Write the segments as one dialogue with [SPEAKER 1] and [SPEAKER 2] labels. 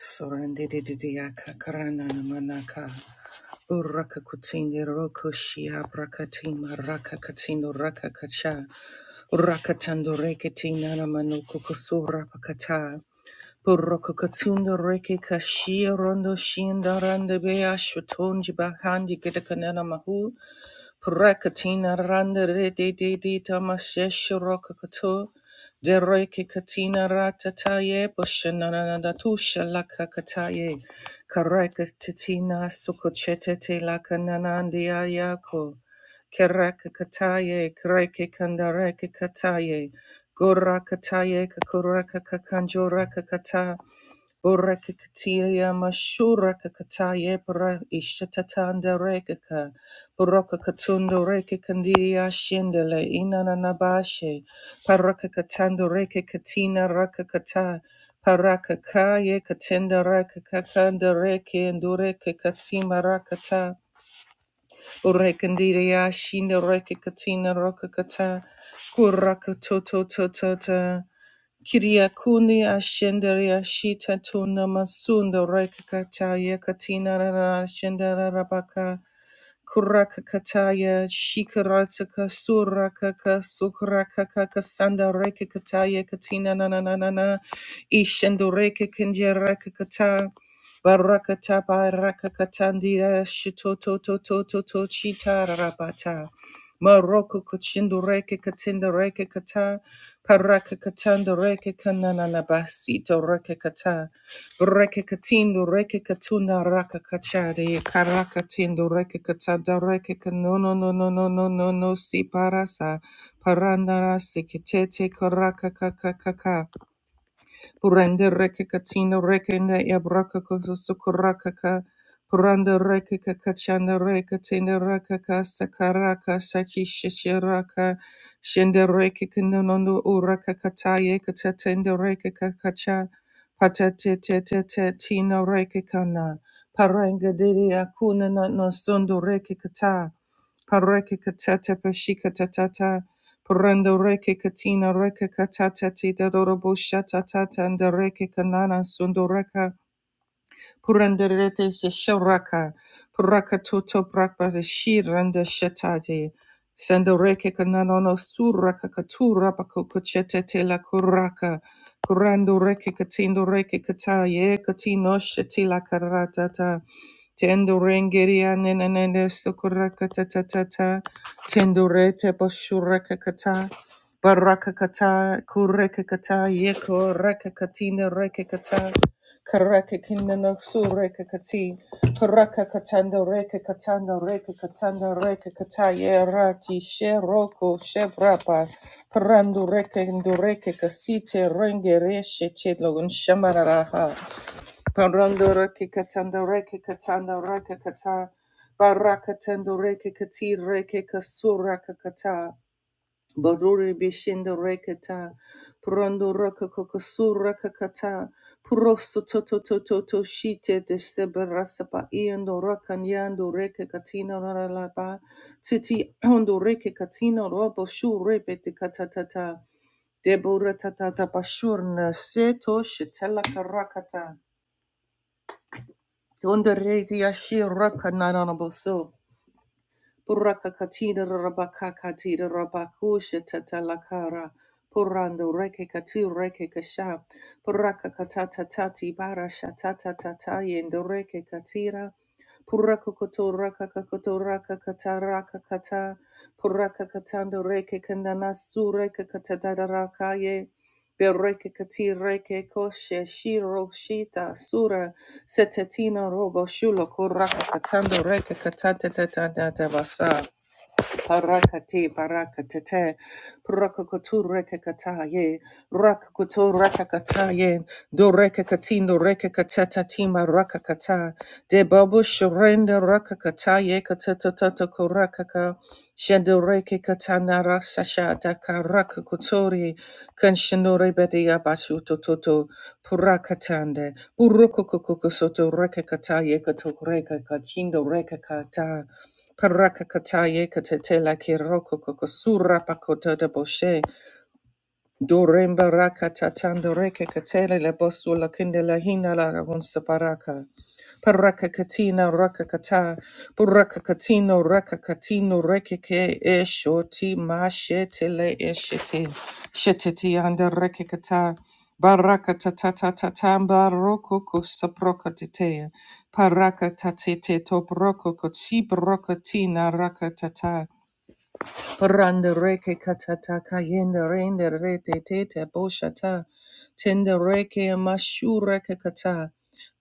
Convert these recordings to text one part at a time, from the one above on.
[SPEAKER 1] Sorandidididiyaka karanana manaka. Sorandidididiyakakarananamanaka. Urakakutini rokushia brakatima rakakatino rakakacha. Urakatando reketinana manukukusura pakata. Purokokatundo reke kashia rondo shinda rande bea shutonji bahandi gedakanana mahu. Prakatina randa re de de de tamashesh rokakato. Dereke katina ratataye bushanananda tusha lakakataye. Karakatina sukochete te lakananandia yako. Kerakakataye, kreke kandareke kataye. Gorakataye, kakurakakakanjorakakata. Burakakatiya mashura kakataye bura ishatatanda rekaka. Buraka katunda rekakandiya shindele inananabashe. Parakakatanda rekakatina rakakata. Parakakaye katenda rakakakanda reke ndureke katima rakata. Urekandiya shinda rekakatina rakakata. Kurakatotototota. Kiriakuni Ashendaria Shita Tuna Masunda Rekataya Katina Ashendara rabaka. Kurakakataya, Shikarataka, Surakaka, Sukrakakaka, Sandareke Kataya, Katina Nananana, Ishandoreke Kinjarakakata, Barakata, Barakakatandia, Shitoto, Toto, Toto, Chita, Rabata, Maroko, Kuchindoreke, Katindareke Kata, Parakakatandoreke, Kananabasi, Dorekakata, Reke katindo reke katunda raka kachari karaka tindo reke katada reke no no no no no no no no si parasa parandara sikitete karaka kaka kaka Puranda reke katina reke na yabraka kozo sukuraka ka. Puranda reke kakachana reke tina raka ka sakaraka saki shishiraka. Shenda reke kinonono uraka kataye katatenda reke kakacha. Patate te te te tina reke kana. Paranga diri akuna na no sundu reke kata. Pareke katata pashika tatata. Prendo reke katina reke katata tita dorobo shata tata and reke kanana sundoreka. Purandarete se sharaka. Puraka toto prakpa se shiranda shatate. Sandoreke kananono suraka katura pako kochete te la kuraka. Kurando reke katindo reke kataye katino shetila karatata. Tendo rengeria nenene sukuraka tatatata. Tendo rete boshuraka kata. Baraka kata kureka kata yeko reka katina reka kata Karaka kinana sureka kati. Karaka katanda reka katanda reka katanda reka kataya rati sheroko shevrapa. Parandu reka indureke kasite renge reshe chedlo shamararaha. Parandu reka katanda reka katanda reka kata. Baraka tendo reke kati reke kasura kakata. Baruri Bishinda Rekata, Prando Rakakokasura Kakata, Prosto Toto Toto to Shite de Seberasapa, Iando Rakanyando Rekakatina Ralaba, Titi Ondo Rekakatina Robo Shu Repete Katatata, Deborah Tatata Bashurna, Seto Shitela Karakata, Donde Redia Shi Rakanaboso. Purakakatira rabakakatira rabakusha tatalakara. Purando reke katu reke kasha. Purakakatata tati bara shatata tataye and reke katira. Purakakoto rakakakoto rakakata rakakata. Purakakatando reke kandanasu reke katadadarakaye. Bereke kati reke koshe shiro shita sura. Setetino robo shulo kuraka katando reke katata tata basa. Parakati parakatete prakakotu rekakataye rakakotu rakakataye do rekakatindo rekakatata tima rakakata de babu shurenda rakakataye katatata korakaka shendo rekakatana rasasha daka rakakotori kanshinore bedia basu tototo purakatande urokokoko soto rekakataye katok rekakachindo rekakata Parakakataye katetela kiroko kokosura pakota de boshe. Doremba rakatatandoreke katele le bosula kindela hina la hunsa paraka. Parakakatina rakakata. Purakakatino rakakatino rekeke eshoti mashetele eshete. Sheteti anda rekekata. Barakatatatatamba rokoko saprokatite. Parakatatate tobrokoko tsibrokati na rakatata. Randereke katata kayende rende rete tete boshata. Tendereke mashureke kata.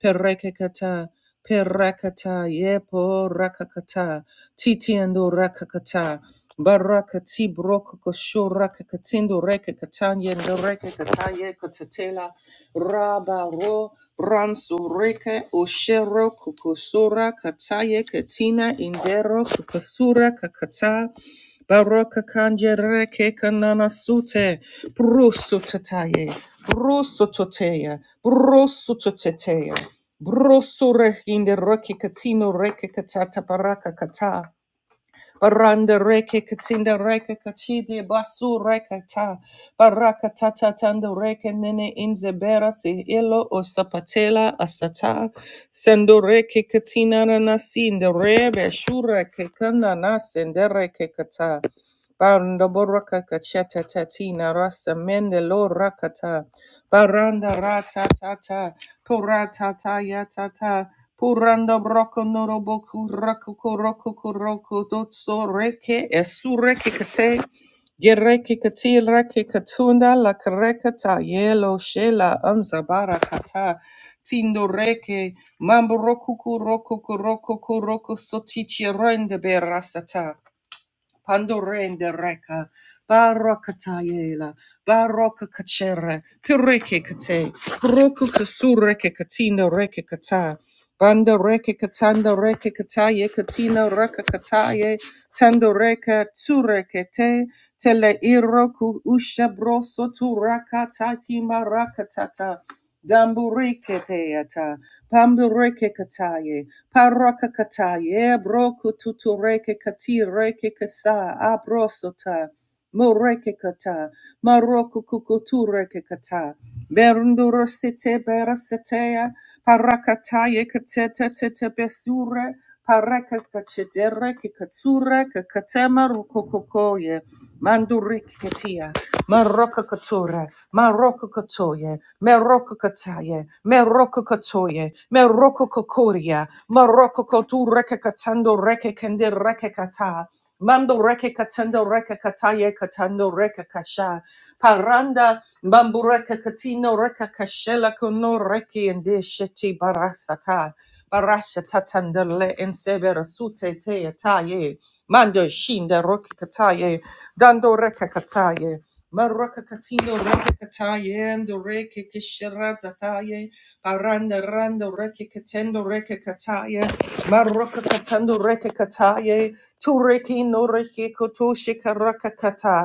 [SPEAKER 1] Pereke kata. Perakata yepo rakakata. Titiendo rakakata. Barakati brokoko shuraka katindo reke katanye reke kataye katatela. Raba ro ransu reke oshero kukusura kataye katina indero kukasura kakata. Baraka kanje reke kanana sute, brusu tataye, brusu toteya, brusu toteteya, brusu rehinde reke katino reke katata baraka kata. Baranda reke katinda reke kachide basu reke ta. Baraka ta ta tanda reke nene inze berasi ilo o sapatela asata. Sendo reke katina na nasinda rebe shure ke kanda nasende reke kata. Baranda boraka kacheta tatina rasa mende lo rakata. Baranda rata tata. Pura tata ya tata. Puranda broko norobo kurako koroko koroko dotso reke esureke kate yereke kati reke katunda la karekata yelo shela anzabara kata tindo reke mambo roku koroko koroko koroko sotichi rende berasata Pandorende reka, barakatayela, barakakachere, pireke kate, roku kasureke katina reke kata, banda reke katanda reke kataye katina reka kataye, tando reka tsureke te, tele iroku usha broso turaka tati marakatata, dambureke teata, pambureke kataye, Parakakata, Yebroku tutureke kati reke kasa, abrosota, moreke kata, maroku kukutureke kata, berndurosite berasetea, parakata yekateta tete besure, paraka kachedere kikatsure kakatema rukokokoye, mandurike katia. Marokakatura, Marokakatoye, Merokakataye, Merokakatoye, Merokokokoria, Marokokotura Kakatando Reke Kende Rekekata, Mando Reke Katando Reke Kataye Katando Reke Kasha, Paranda Bambureka Katino Reka Kashela Kono Reki and Sheti Barasata. Barasha tatandale en severa sute te ataye, mando shinda roki kataye, dando reka Maraka katino reke kataye ando reke kishera dataye paranda rando reke katendo reke kataye maraka katando reke kataye tu reke no reke koto shikaraka kata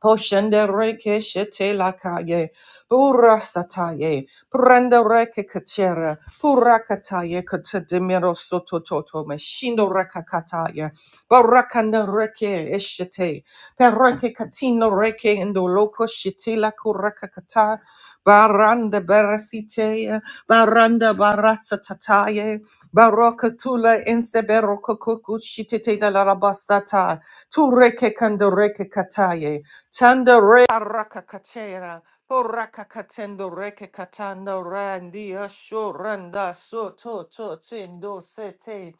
[SPEAKER 1] Poshende reke shete lakaye, burasataye, prenda reke kachere, purakataye katademiro sotototo, meshindo rakakataye, barakanda reke eshete, perreke katino reke indoloko shete lakurakakata, baranda berasite, baranda barasatataye, barokatula inseberoko kukushitete dalarabasata, tureke kandoreke kataye, Tanda re arakakatera, porakakatendo reke katando randi ashoranda so to to tendo sete,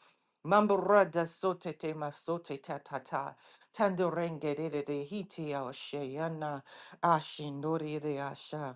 [SPEAKER 1] mamburada so te te masote ta ta ta, tando rengere de de de hiti ashayana, ashindori de asha.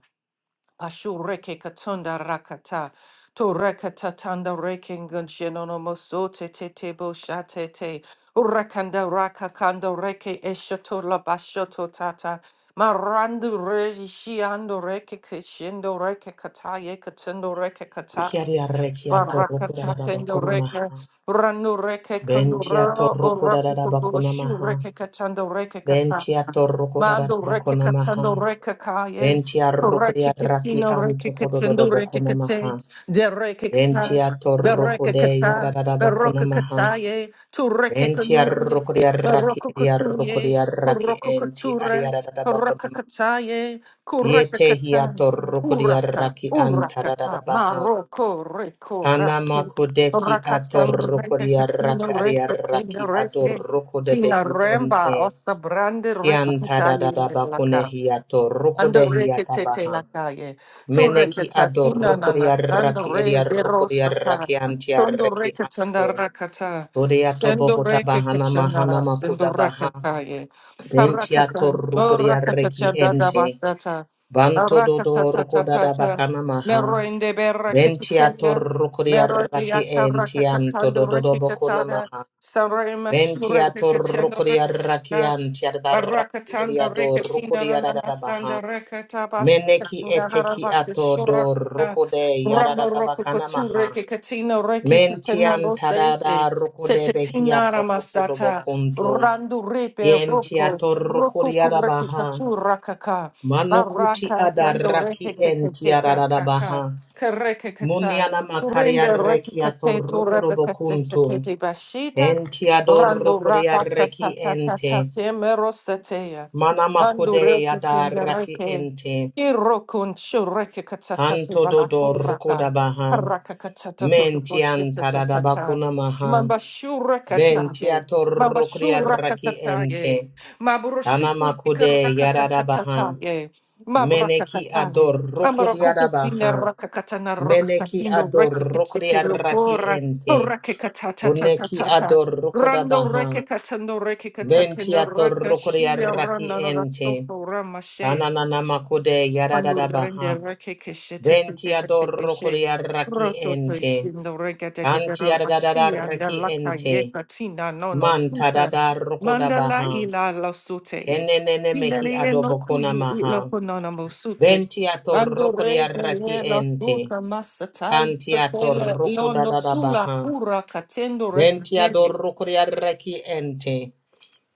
[SPEAKER 1] Ashureke katunda rakata. Turakata tanda reking gunshianono moso te te te bo shate te. Urakanda raka kando reke eshoto la bashoto tata. Marandu reji shiando reke kishendo reke kata ye katundo reke kata.
[SPEAKER 2] Kiaria rekia toroko da
[SPEAKER 1] Barakata
[SPEAKER 2] da
[SPEAKER 1] tendo
[SPEAKER 2] bakona maha.
[SPEAKER 1] reke. Ranu reke
[SPEAKER 2] Bentia
[SPEAKER 1] kunduro.
[SPEAKER 2] toroko da da
[SPEAKER 1] Urakukubu
[SPEAKER 2] bakona
[SPEAKER 1] shu
[SPEAKER 2] maha.
[SPEAKER 1] reke katando reke kata.
[SPEAKER 2] Bentia toroko da da
[SPEAKER 1] Mando reke
[SPEAKER 2] bakona maha.
[SPEAKER 1] katando reke kaye.
[SPEAKER 2] Bentia roko
[SPEAKER 1] Reke
[SPEAKER 2] ya raki
[SPEAKER 1] katino
[SPEAKER 2] anto
[SPEAKER 1] reke
[SPEAKER 2] kodo do do
[SPEAKER 1] katando reke
[SPEAKER 2] bakona
[SPEAKER 1] kate.
[SPEAKER 2] maha.
[SPEAKER 1] De reke kata.
[SPEAKER 2] Bentia
[SPEAKER 1] De
[SPEAKER 2] toroko
[SPEAKER 1] reke
[SPEAKER 2] de ya da
[SPEAKER 1] kata.
[SPEAKER 2] da bakona
[SPEAKER 1] Baroka
[SPEAKER 2] maha.
[SPEAKER 1] kataye. Tu reke
[SPEAKER 2] Bentia
[SPEAKER 1] kanuye.
[SPEAKER 2] roko ya raki
[SPEAKER 1] Baroko
[SPEAKER 2] ya roko
[SPEAKER 1] katuye.
[SPEAKER 2] ya raki
[SPEAKER 1] Baroko
[SPEAKER 2] enti ari ya
[SPEAKER 1] kature.
[SPEAKER 2] da da
[SPEAKER 1] Baraka
[SPEAKER 2] bakona maha.
[SPEAKER 1] kataye. Kureka
[SPEAKER 2] Yete hiya
[SPEAKER 1] kata.
[SPEAKER 2] toroko ya
[SPEAKER 1] Uraka.
[SPEAKER 2] raki anta
[SPEAKER 1] Uraka
[SPEAKER 2] da da
[SPEAKER 1] ka.
[SPEAKER 2] baha.
[SPEAKER 1] Maroko reko rate.
[SPEAKER 2] Anamakodeki
[SPEAKER 1] Rakatando reke katino
[SPEAKER 2] atorokodiaraki
[SPEAKER 1] reke
[SPEAKER 2] adiaraki
[SPEAKER 1] katino reke. Tina
[SPEAKER 2] adorokodebehi
[SPEAKER 1] Remba,
[SPEAKER 2] ente.
[SPEAKER 1] Osabrande Rikita Yelaka.
[SPEAKER 2] Kiantadadabakunehi
[SPEAKER 1] Ando
[SPEAKER 2] atorokodehi
[SPEAKER 1] re que te te
[SPEAKER 2] atabaha.
[SPEAKER 1] la calle. Tu re que
[SPEAKER 2] Meneki
[SPEAKER 1] tatina nana sando
[SPEAKER 2] adorokodiaraki
[SPEAKER 1] re de rosa ta.
[SPEAKER 2] ediarokodiaraki
[SPEAKER 1] Sondo
[SPEAKER 2] antiareki
[SPEAKER 1] re que
[SPEAKER 2] anto.
[SPEAKER 1] tanda racata. Sendo re que que
[SPEAKER 2] Rodeatobohotabahana mahana
[SPEAKER 1] chanara sendo
[SPEAKER 2] makudabaha.
[SPEAKER 1] racataye. Paracata. O racata
[SPEAKER 2] Bentiatorokodiaraki
[SPEAKER 1] chada da
[SPEAKER 2] ente.
[SPEAKER 1] basata.
[SPEAKER 2] Banto
[SPEAKER 1] Aracata
[SPEAKER 2] dodo
[SPEAKER 1] ta ta ta ta.
[SPEAKER 2] rokodadabakana maha.
[SPEAKER 1] Mero inde berra que que
[SPEAKER 2] Ventiator
[SPEAKER 1] teya.
[SPEAKER 2] rukuria
[SPEAKER 1] Mero de
[SPEAKER 2] raki entianto
[SPEAKER 1] acaracatando re
[SPEAKER 2] dododo
[SPEAKER 1] que
[SPEAKER 2] boko
[SPEAKER 1] catada.
[SPEAKER 2] namaha.
[SPEAKER 1] Sandra mashure que
[SPEAKER 2] Ventiator
[SPEAKER 1] que chando
[SPEAKER 2] rukuria raki antiada raki
[SPEAKER 1] Barakatanda
[SPEAKER 2] eriado
[SPEAKER 1] rekatina
[SPEAKER 2] rukuria
[SPEAKER 1] rananasanda
[SPEAKER 2] radadabaha.
[SPEAKER 1] rekatabas
[SPEAKER 2] Meneki
[SPEAKER 1] katina
[SPEAKER 2] eteki
[SPEAKER 1] harabaka
[SPEAKER 2] ato do
[SPEAKER 1] shurakata
[SPEAKER 2] rukude
[SPEAKER 1] ramba
[SPEAKER 2] yaradadabaka
[SPEAKER 1] rokokotu
[SPEAKER 2] namaha.
[SPEAKER 1] rekekatina rekekatina
[SPEAKER 2] Mentiantadada
[SPEAKER 1] dosete
[SPEAKER 2] rukude
[SPEAKER 1] setetina
[SPEAKER 2] behiato rukudo
[SPEAKER 1] ramasata
[SPEAKER 2] bokunto.
[SPEAKER 1] randu repe roko
[SPEAKER 2] Yentiator
[SPEAKER 1] roko
[SPEAKER 2] rukuria rabaha.
[SPEAKER 1] kurekekatu rakaka
[SPEAKER 2] Manukuti
[SPEAKER 1] baraka kando
[SPEAKER 2] adaraki entiada
[SPEAKER 1] rekekekekekaka
[SPEAKER 2] radabaha.
[SPEAKER 1] karekekata
[SPEAKER 2] Muniana
[SPEAKER 1] Turimbe
[SPEAKER 2] makaria reki
[SPEAKER 1] rekikate tu
[SPEAKER 2] atorukuro bokuntu.
[SPEAKER 1] rebekasete bashita
[SPEAKER 2] Enti
[SPEAKER 1] Rando
[SPEAKER 2] adorukuria
[SPEAKER 1] rabasa ta
[SPEAKER 2] reki
[SPEAKER 1] ta ta ta
[SPEAKER 2] ente.
[SPEAKER 1] te merosetea.
[SPEAKER 2] Mana
[SPEAKER 1] Bando
[SPEAKER 2] makode
[SPEAKER 1] rekete
[SPEAKER 2] adaraki
[SPEAKER 1] yareke.
[SPEAKER 2] ente.
[SPEAKER 1] Irokun shureke katatate
[SPEAKER 2] Kanto dodo rukoda
[SPEAKER 1] balakuraka.
[SPEAKER 2] baha.
[SPEAKER 1] Haraka katatato
[SPEAKER 2] Menti
[SPEAKER 1] bosheta ta
[SPEAKER 2] antada
[SPEAKER 1] ta ta.
[SPEAKER 2] bakuna maha.
[SPEAKER 1] Mamba
[SPEAKER 2] Benti
[SPEAKER 1] shurakataye. Mamba
[SPEAKER 2] atorukuria reki
[SPEAKER 1] shurakataye.
[SPEAKER 2] ente. Ana
[SPEAKER 1] Maburushuku
[SPEAKER 2] makude yarada baha.
[SPEAKER 1] yikarakatataye.
[SPEAKER 2] Meneki
[SPEAKER 1] Mabrakataye.
[SPEAKER 2] adorukuria
[SPEAKER 1] Ambarakukasina
[SPEAKER 2] baha.
[SPEAKER 1] rakakatana
[SPEAKER 2] Meneki
[SPEAKER 1] rakakatino rekikatite
[SPEAKER 2] adorukuria reki
[SPEAKER 1] lokora.
[SPEAKER 2] ente. Uneki
[SPEAKER 1] Rakikatatatata.
[SPEAKER 2] ador
[SPEAKER 1] Rando
[SPEAKER 2] rukodabaha.
[SPEAKER 1] reke katando reke
[SPEAKER 2] Venti
[SPEAKER 1] katatendo
[SPEAKER 2] ator
[SPEAKER 1] reke shia
[SPEAKER 2] rukodiaraki
[SPEAKER 1] rana no
[SPEAKER 2] ente.
[SPEAKER 1] rasoto ramashe.
[SPEAKER 2] Kananana makude
[SPEAKER 1] Ando rende
[SPEAKER 2] yadadabaha.
[SPEAKER 1] reke keshete te te
[SPEAKER 2] Venti
[SPEAKER 1] te te te
[SPEAKER 2] ador
[SPEAKER 1] keshe.
[SPEAKER 2] rukodiaraki
[SPEAKER 1] Roto to
[SPEAKER 2] ente.
[SPEAKER 1] shindo reke te te te
[SPEAKER 2] Anti
[SPEAKER 1] rabashi anda
[SPEAKER 2] yadadadaraki
[SPEAKER 1] laka ye
[SPEAKER 2] ente.
[SPEAKER 1] katina no no
[SPEAKER 2] Manta
[SPEAKER 1] suta.
[SPEAKER 2] dada
[SPEAKER 1] Mandala
[SPEAKER 2] rukodabaha.
[SPEAKER 1] ila la sute e.
[SPEAKER 2] Kenenene mehi
[SPEAKER 1] Hilele e no
[SPEAKER 2] adobokuna
[SPEAKER 1] kui i lo
[SPEAKER 2] maha.
[SPEAKER 1] ponona mo sute.
[SPEAKER 2] Venti ator
[SPEAKER 1] Bando reke
[SPEAKER 2] rukodiaraki
[SPEAKER 1] le la
[SPEAKER 2] ente.
[SPEAKER 1] suta masatai
[SPEAKER 2] Kanti ator
[SPEAKER 1] tatela ilo no sula
[SPEAKER 2] rukodadabaha.
[SPEAKER 1] pura katendo
[SPEAKER 2] Venti
[SPEAKER 1] reke
[SPEAKER 2] ador rukodiaraki ente.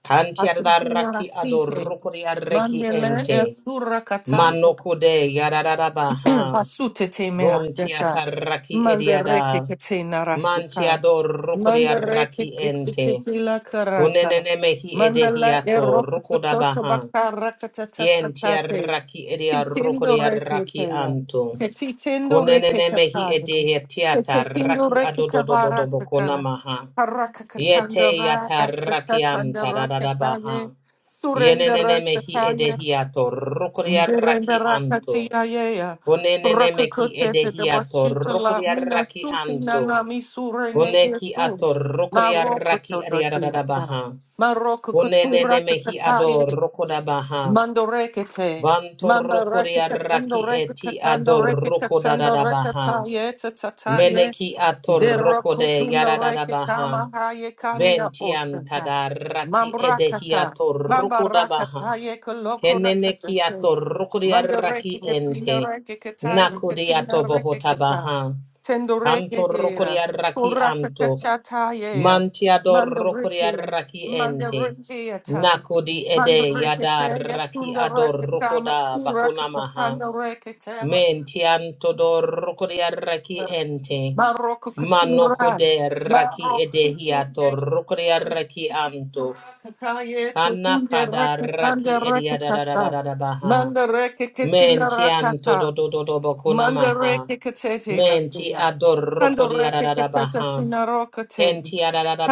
[SPEAKER 2] Kanti
[SPEAKER 1] Atitina
[SPEAKER 2] adaraki
[SPEAKER 1] Rasite,
[SPEAKER 2] adorukuri arreki
[SPEAKER 1] Mandele
[SPEAKER 2] ente.
[SPEAKER 1] Esura Kata,
[SPEAKER 2] Manokude yadarabaha.
[SPEAKER 1] Basute te
[SPEAKER 2] Bunti
[SPEAKER 1] meraseta.
[SPEAKER 2] ataraki
[SPEAKER 1] Mandereke
[SPEAKER 2] ediada.
[SPEAKER 1] ke te
[SPEAKER 2] Manti
[SPEAKER 1] narasuta.
[SPEAKER 2] adorukuri
[SPEAKER 1] Mandereke
[SPEAKER 2] arraki
[SPEAKER 1] ke te te
[SPEAKER 2] ente.
[SPEAKER 1] te la karata.
[SPEAKER 2] Kunenene mehi
[SPEAKER 1] Mandala
[SPEAKER 2] edehiato
[SPEAKER 1] eroku te toto
[SPEAKER 2] rukudabaha.
[SPEAKER 1] bakaraka ta ta ta
[SPEAKER 2] Yenti
[SPEAKER 1] ta te.
[SPEAKER 2] arraki edia
[SPEAKER 1] Titindo
[SPEAKER 2] rukuri
[SPEAKER 1] reke
[SPEAKER 2] arraki
[SPEAKER 1] te na.
[SPEAKER 2] anto.
[SPEAKER 1] Te titindo reke
[SPEAKER 2] Kunenene mehi
[SPEAKER 1] katane. Te
[SPEAKER 2] edehetiata
[SPEAKER 1] titindo
[SPEAKER 2] raki
[SPEAKER 1] reke kavaraka ka.
[SPEAKER 2] adododododobokonamaha.
[SPEAKER 1] Haraka
[SPEAKER 2] Yete
[SPEAKER 1] katandara asata
[SPEAKER 2] yataraki anta
[SPEAKER 1] tandara
[SPEAKER 2] dadadabaha.
[SPEAKER 1] katane. Surendera
[SPEAKER 2] Yenene mehi
[SPEAKER 1] satane.
[SPEAKER 2] edehiato rukuria raki anto.
[SPEAKER 1] Dureberakatia
[SPEAKER 2] Unenene meki
[SPEAKER 1] Rakakote de
[SPEAKER 2] edehiato
[SPEAKER 1] Dabashita la
[SPEAKER 2] rukuria
[SPEAKER 1] Mina
[SPEAKER 2] raki
[SPEAKER 1] Suti
[SPEAKER 2] anto.
[SPEAKER 1] Nana Misure
[SPEAKER 2] Uneki
[SPEAKER 1] Negesu
[SPEAKER 2] ato rukuria
[SPEAKER 1] Maroko
[SPEAKER 2] raki
[SPEAKER 1] Todotinata
[SPEAKER 2] ariadadabaha.
[SPEAKER 1] Maroko Kotura
[SPEAKER 2] Unenene mehi ado
[SPEAKER 1] Kakataye
[SPEAKER 2] rukodabaha.
[SPEAKER 1] Mandorekete
[SPEAKER 2] Vanto
[SPEAKER 1] Mamba
[SPEAKER 2] rukuria
[SPEAKER 1] Rekatando
[SPEAKER 2] raki eti
[SPEAKER 1] Rekatando
[SPEAKER 2] ado
[SPEAKER 1] Rekatando
[SPEAKER 2] rukodadadabaha.
[SPEAKER 1] Rekataye
[SPEAKER 2] Meneki ato rukode
[SPEAKER 1] Derokutuna
[SPEAKER 2] yaradadabaha.
[SPEAKER 1] rekama hayekanya
[SPEAKER 2] Ventian
[SPEAKER 1] osata.
[SPEAKER 2] tadaraki
[SPEAKER 1] Mambrakata.
[SPEAKER 2] edehiato
[SPEAKER 1] Mambarakata
[SPEAKER 2] rukodabaha.
[SPEAKER 1] yekoloko
[SPEAKER 2] Kenene kia to
[SPEAKER 1] rakatase.
[SPEAKER 2] rukuri
[SPEAKER 1] Mandareke
[SPEAKER 2] araki
[SPEAKER 1] katina
[SPEAKER 2] ente.
[SPEAKER 1] reke kataya
[SPEAKER 2] Nakuri
[SPEAKER 1] katina
[SPEAKER 2] ato
[SPEAKER 1] reke kata.
[SPEAKER 2] bohotabaha.
[SPEAKER 1] Tendoreke
[SPEAKER 2] Kanto rukuri
[SPEAKER 1] hera.
[SPEAKER 2] araki anto.
[SPEAKER 1] Korakatachata yea.
[SPEAKER 2] Mantiado rukuri
[SPEAKER 1] Mandareke.
[SPEAKER 2] araki ente.
[SPEAKER 1] Mandareke ata.
[SPEAKER 2] Nakudi ede
[SPEAKER 1] Mandareke
[SPEAKER 2] yada
[SPEAKER 1] te
[SPEAKER 2] raki
[SPEAKER 1] yatunda
[SPEAKER 2] ado
[SPEAKER 1] rekatama
[SPEAKER 2] rukoda bakunamaha.
[SPEAKER 1] surakatana rekatama.
[SPEAKER 2] Mentianto do rukuri araki ente.
[SPEAKER 1] Maroko Katura,
[SPEAKER 2] Manokude raki ede
[SPEAKER 1] Maroko
[SPEAKER 2] hiato
[SPEAKER 1] Tunde,
[SPEAKER 2] rukuri araki anto.
[SPEAKER 1] Kakaye, Tukunde,
[SPEAKER 2] Kanakada
[SPEAKER 1] Rakakande,
[SPEAKER 2] raki ediada da da da
[SPEAKER 1] Rakakasa,
[SPEAKER 2] da da baha.
[SPEAKER 1] Manda Reke
[SPEAKER 2] Men
[SPEAKER 1] Ketila
[SPEAKER 2] ti anto
[SPEAKER 1] Rakata.
[SPEAKER 2] do do do do bokuna maha.
[SPEAKER 1] Mandareke katete
[SPEAKER 2] Men
[SPEAKER 1] masia.
[SPEAKER 2] ador roko di
[SPEAKER 1] Handoreke
[SPEAKER 2] adadada
[SPEAKER 1] katete
[SPEAKER 2] baha.
[SPEAKER 1] tinarokate.
[SPEAKER 2] Ken ti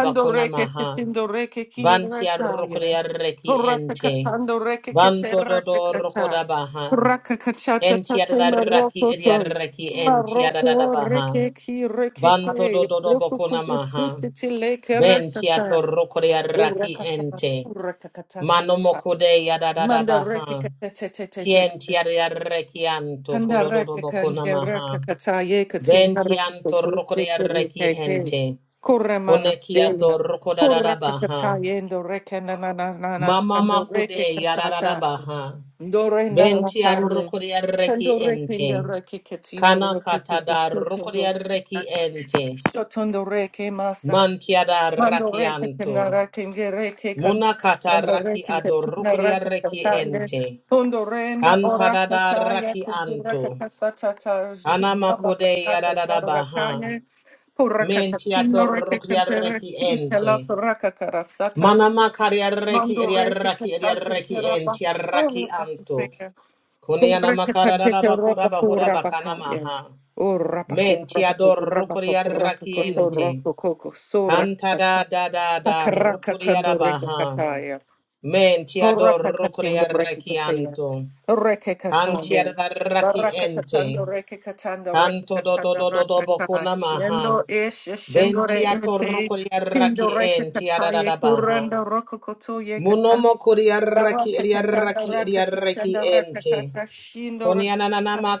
[SPEAKER 2] bakuna maha.
[SPEAKER 1] tetindoreke
[SPEAKER 2] Banti arroko di
[SPEAKER 1] kirakaya.
[SPEAKER 2] arreki
[SPEAKER 1] Koraka
[SPEAKER 2] ente.
[SPEAKER 1] katando reke
[SPEAKER 2] Banto do
[SPEAKER 1] kateraka
[SPEAKER 2] do roko
[SPEAKER 1] kata.
[SPEAKER 2] da baha.
[SPEAKER 1] Koraka kachata
[SPEAKER 2] Ken ti
[SPEAKER 1] tate
[SPEAKER 2] adadaraki
[SPEAKER 1] maroko
[SPEAKER 2] edi
[SPEAKER 1] to.
[SPEAKER 2] arreki enti adadada
[SPEAKER 1] Maroko
[SPEAKER 2] baha.
[SPEAKER 1] reke ki reke
[SPEAKER 2] Banto do
[SPEAKER 1] ke.
[SPEAKER 2] do do
[SPEAKER 1] Roko
[SPEAKER 2] bokuna maha.
[SPEAKER 1] kukusuti tileke
[SPEAKER 2] Ben
[SPEAKER 1] rasata.
[SPEAKER 2] ator roko di arraki
[SPEAKER 1] Uraka kama.
[SPEAKER 2] ente.
[SPEAKER 1] Uraka katata.
[SPEAKER 2] Mano moko de yadadada
[SPEAKER 1] Mandareke
[SPEAKER 2] baha. Tienti
[SPEAKER 1] katete
[SPEAKER 2] ariarreki anto
[SPEAKER 1] Kandaraka
[SPEAKER 2] kodododobo
[SPEAKER 1] kanjaraka
[SPEAKER 2] konamaha.
[SPEAKER 1] kataye katin
[SPEAKER 2] Venti
[SPEAKER 1] haraka
[SPEAKER 2] anto
[SPEAKER 1] kogose
[SPEAKER 2] rokodiarreki
[SPEAKER 1] kirikeke.
[SPEAKER 2] ente.
[SPEAKER 1] Kuramana
[SPEAKER 2] Koneki ato
[SPEAKER 1] seya. Kuraka
[SPEAKER 2] rokodadadabaha.
[SPEAKER 1] kataye ndoreke nananana
[SPEAKER 2] Mama
[SPEAKER 1] sandoreke
[SPEAKER 2] makude
[SPEAKER 1] katata.
[SPEAKER 2] yarararabaha.
[SPEAKER 1] Ndore
[SPEAKER 2] Venti
[SPEAKER 1] narakaye.
[SPEAKER 2] arrokodiarreki
[SPEAKER 1] Tandoreke
[SPEAKER 2] ente.
[SPEAKER 1] ndareke katina
[SPEAKER 2] Kana
[SPEAKER 1] roku
[SPEAKER 2] katada
[SPEAKER 1] kukusoto
[SPEAKER 2] rokodiarreki
[SPEAKER 1] ndoreke.
[SPEAKER 2] ente.
[SPEAKER 1] Sotondoreke masa.
[SPEAKER 2] Mantiada
[SPEAKER 1] Mando reke
[SPEAKER 2] rakianto.
[SPEAKER 1] tenara kenge reke kan
[SPEAKER 2] Muna kata
[SPEAKER 1] mando
[SPEAKER 2] raki
[SPEAKER 1] reke
[SPEAKER 2] ado
[SPEAKER 1] katina rata
[SPEAKER 2] rokodiarreki
[SPEAKER 1] kataya
[SPEAKER 2] ente.
[SPEAKER 1] pondo renda ora
[SPEAKER 2] Kantadada
[SPEAKER 1] kataya
[SPEAKER 2] raki
[SPEAKER 1] kutura
[SPEAKER 2] anto.
[SPEAKER 1] kakasata ta
[SPEAKER 2] Kana
[SPEAKER 1] jina
[SPEAKER 2] makude
[SPEAKER 1] bakasata ta rakanya pura
[SPEAKER 2] Mentia
[SPEAKER 1] kakatina reke
[SPEAKER 2] torrokia
[SPEAKER 1] kanzera
[SPEAKER 2] reki
[SPEAKER 1] sita la
[SPEAKER 2] ente.
[SPEAKER 1] pura kakarasata
[SPEAKER 2] Manama karia reki
[SPEAKER 1] mando
[SPEAKER 2] eria
[SPEAKER 1] reke
[SPEAKER 2] raki eria
[SPEAKER 1] kataja
[SPEAKER 2] reki
[SPEAKER 1] jera
[SPEAKER 2] entia raki
[SPEAKER 1] basura
[SPEAKER 2] anto.
[SPEAKER 1] kasaseka
[SPEAKER 2] Kuniana
[SPEAKER 1] kureke
[SPEAKER 2] makara
[SPEAKER 1] kantete
[SPEAKER 2] bakura
[SPEAKER 1] ropa
[SPEAKER 2] bahura
[SPEAKER 1] pura
[SPEAKER 2] bakana
[SPEAKER 1] bakaya
[SPEAKER 2] maha.
[SPEAKER 1] Ora pakura
[SPEAKER 2] Mentia
[SPEAKER 1] pakura pakura
[SPEAKER 2] dorrokia
[SPEAKER 1] pakura
[SPEAKER 2] raki
[SPEAKER 1] pakura
[SPEAKER 2] ente.
[SPEAKER 1] pakura
[SPEAKER 2] Kanta
[SPEAKER 1] pakura
[SPEAKER 2] da da da da
[SPEAKER 1] Akaraka
[SPEAKER 2] rukuria
[SPEAKER 1] kando reke
[SPEAKER 2] baha.
[SPEAKER 1] kataya.
[SPEAKER 2] Mentia
[SPEAKER 1] Horaka katindo
[SPEAKER 2] dorrokia
[SPEAKER 1] reke
[SPEAKER 2] reki
[SPEAKER 1] kataya.
[SPEAKER 2] anto.
[SPEAKER 1] Reke kataya.
[SPEAKER 2] Kantia da raki
[SPEAKER 1] Baraka
[SPEAKER 2] ente.
[SPEAKER 1] katando reke katando reke
[SPEAKER 2] Kanto do do
[SPEAKER 1] katando
[SPEAKER 2] do do do
[SPEAKER 1] reke kataya.
[SPEAKER 2] bokuna maha.
[SPEAKER 1] Shendo ish shendo re
[SPEAKER 2] Ventia
[SPEAKER 1] ete. Pindo
[SPEAKER 2] torrocoriarraki
[SPEAKER 1] reke
[SPEAKER 2] en
[SPEAKER 1] kataya.
[SPEAKER 2] tiaradabaha.
[SPEAKER 1] Kuranda roko koto ye kataya.
[SPEAKER 2] Munomo coriarraki
[SPEAKER 1] Baraka katando
[SPEAKER 2] eriaraki
[SPEAKER 1] reke
[SPEAKER 2] eriaraki
[SPEAKER 1] katando reke
[SPEAKER 2] ente.
[SPEAKER 1] kataya. Shindo reke.
[SPEAKER 2] Coniananama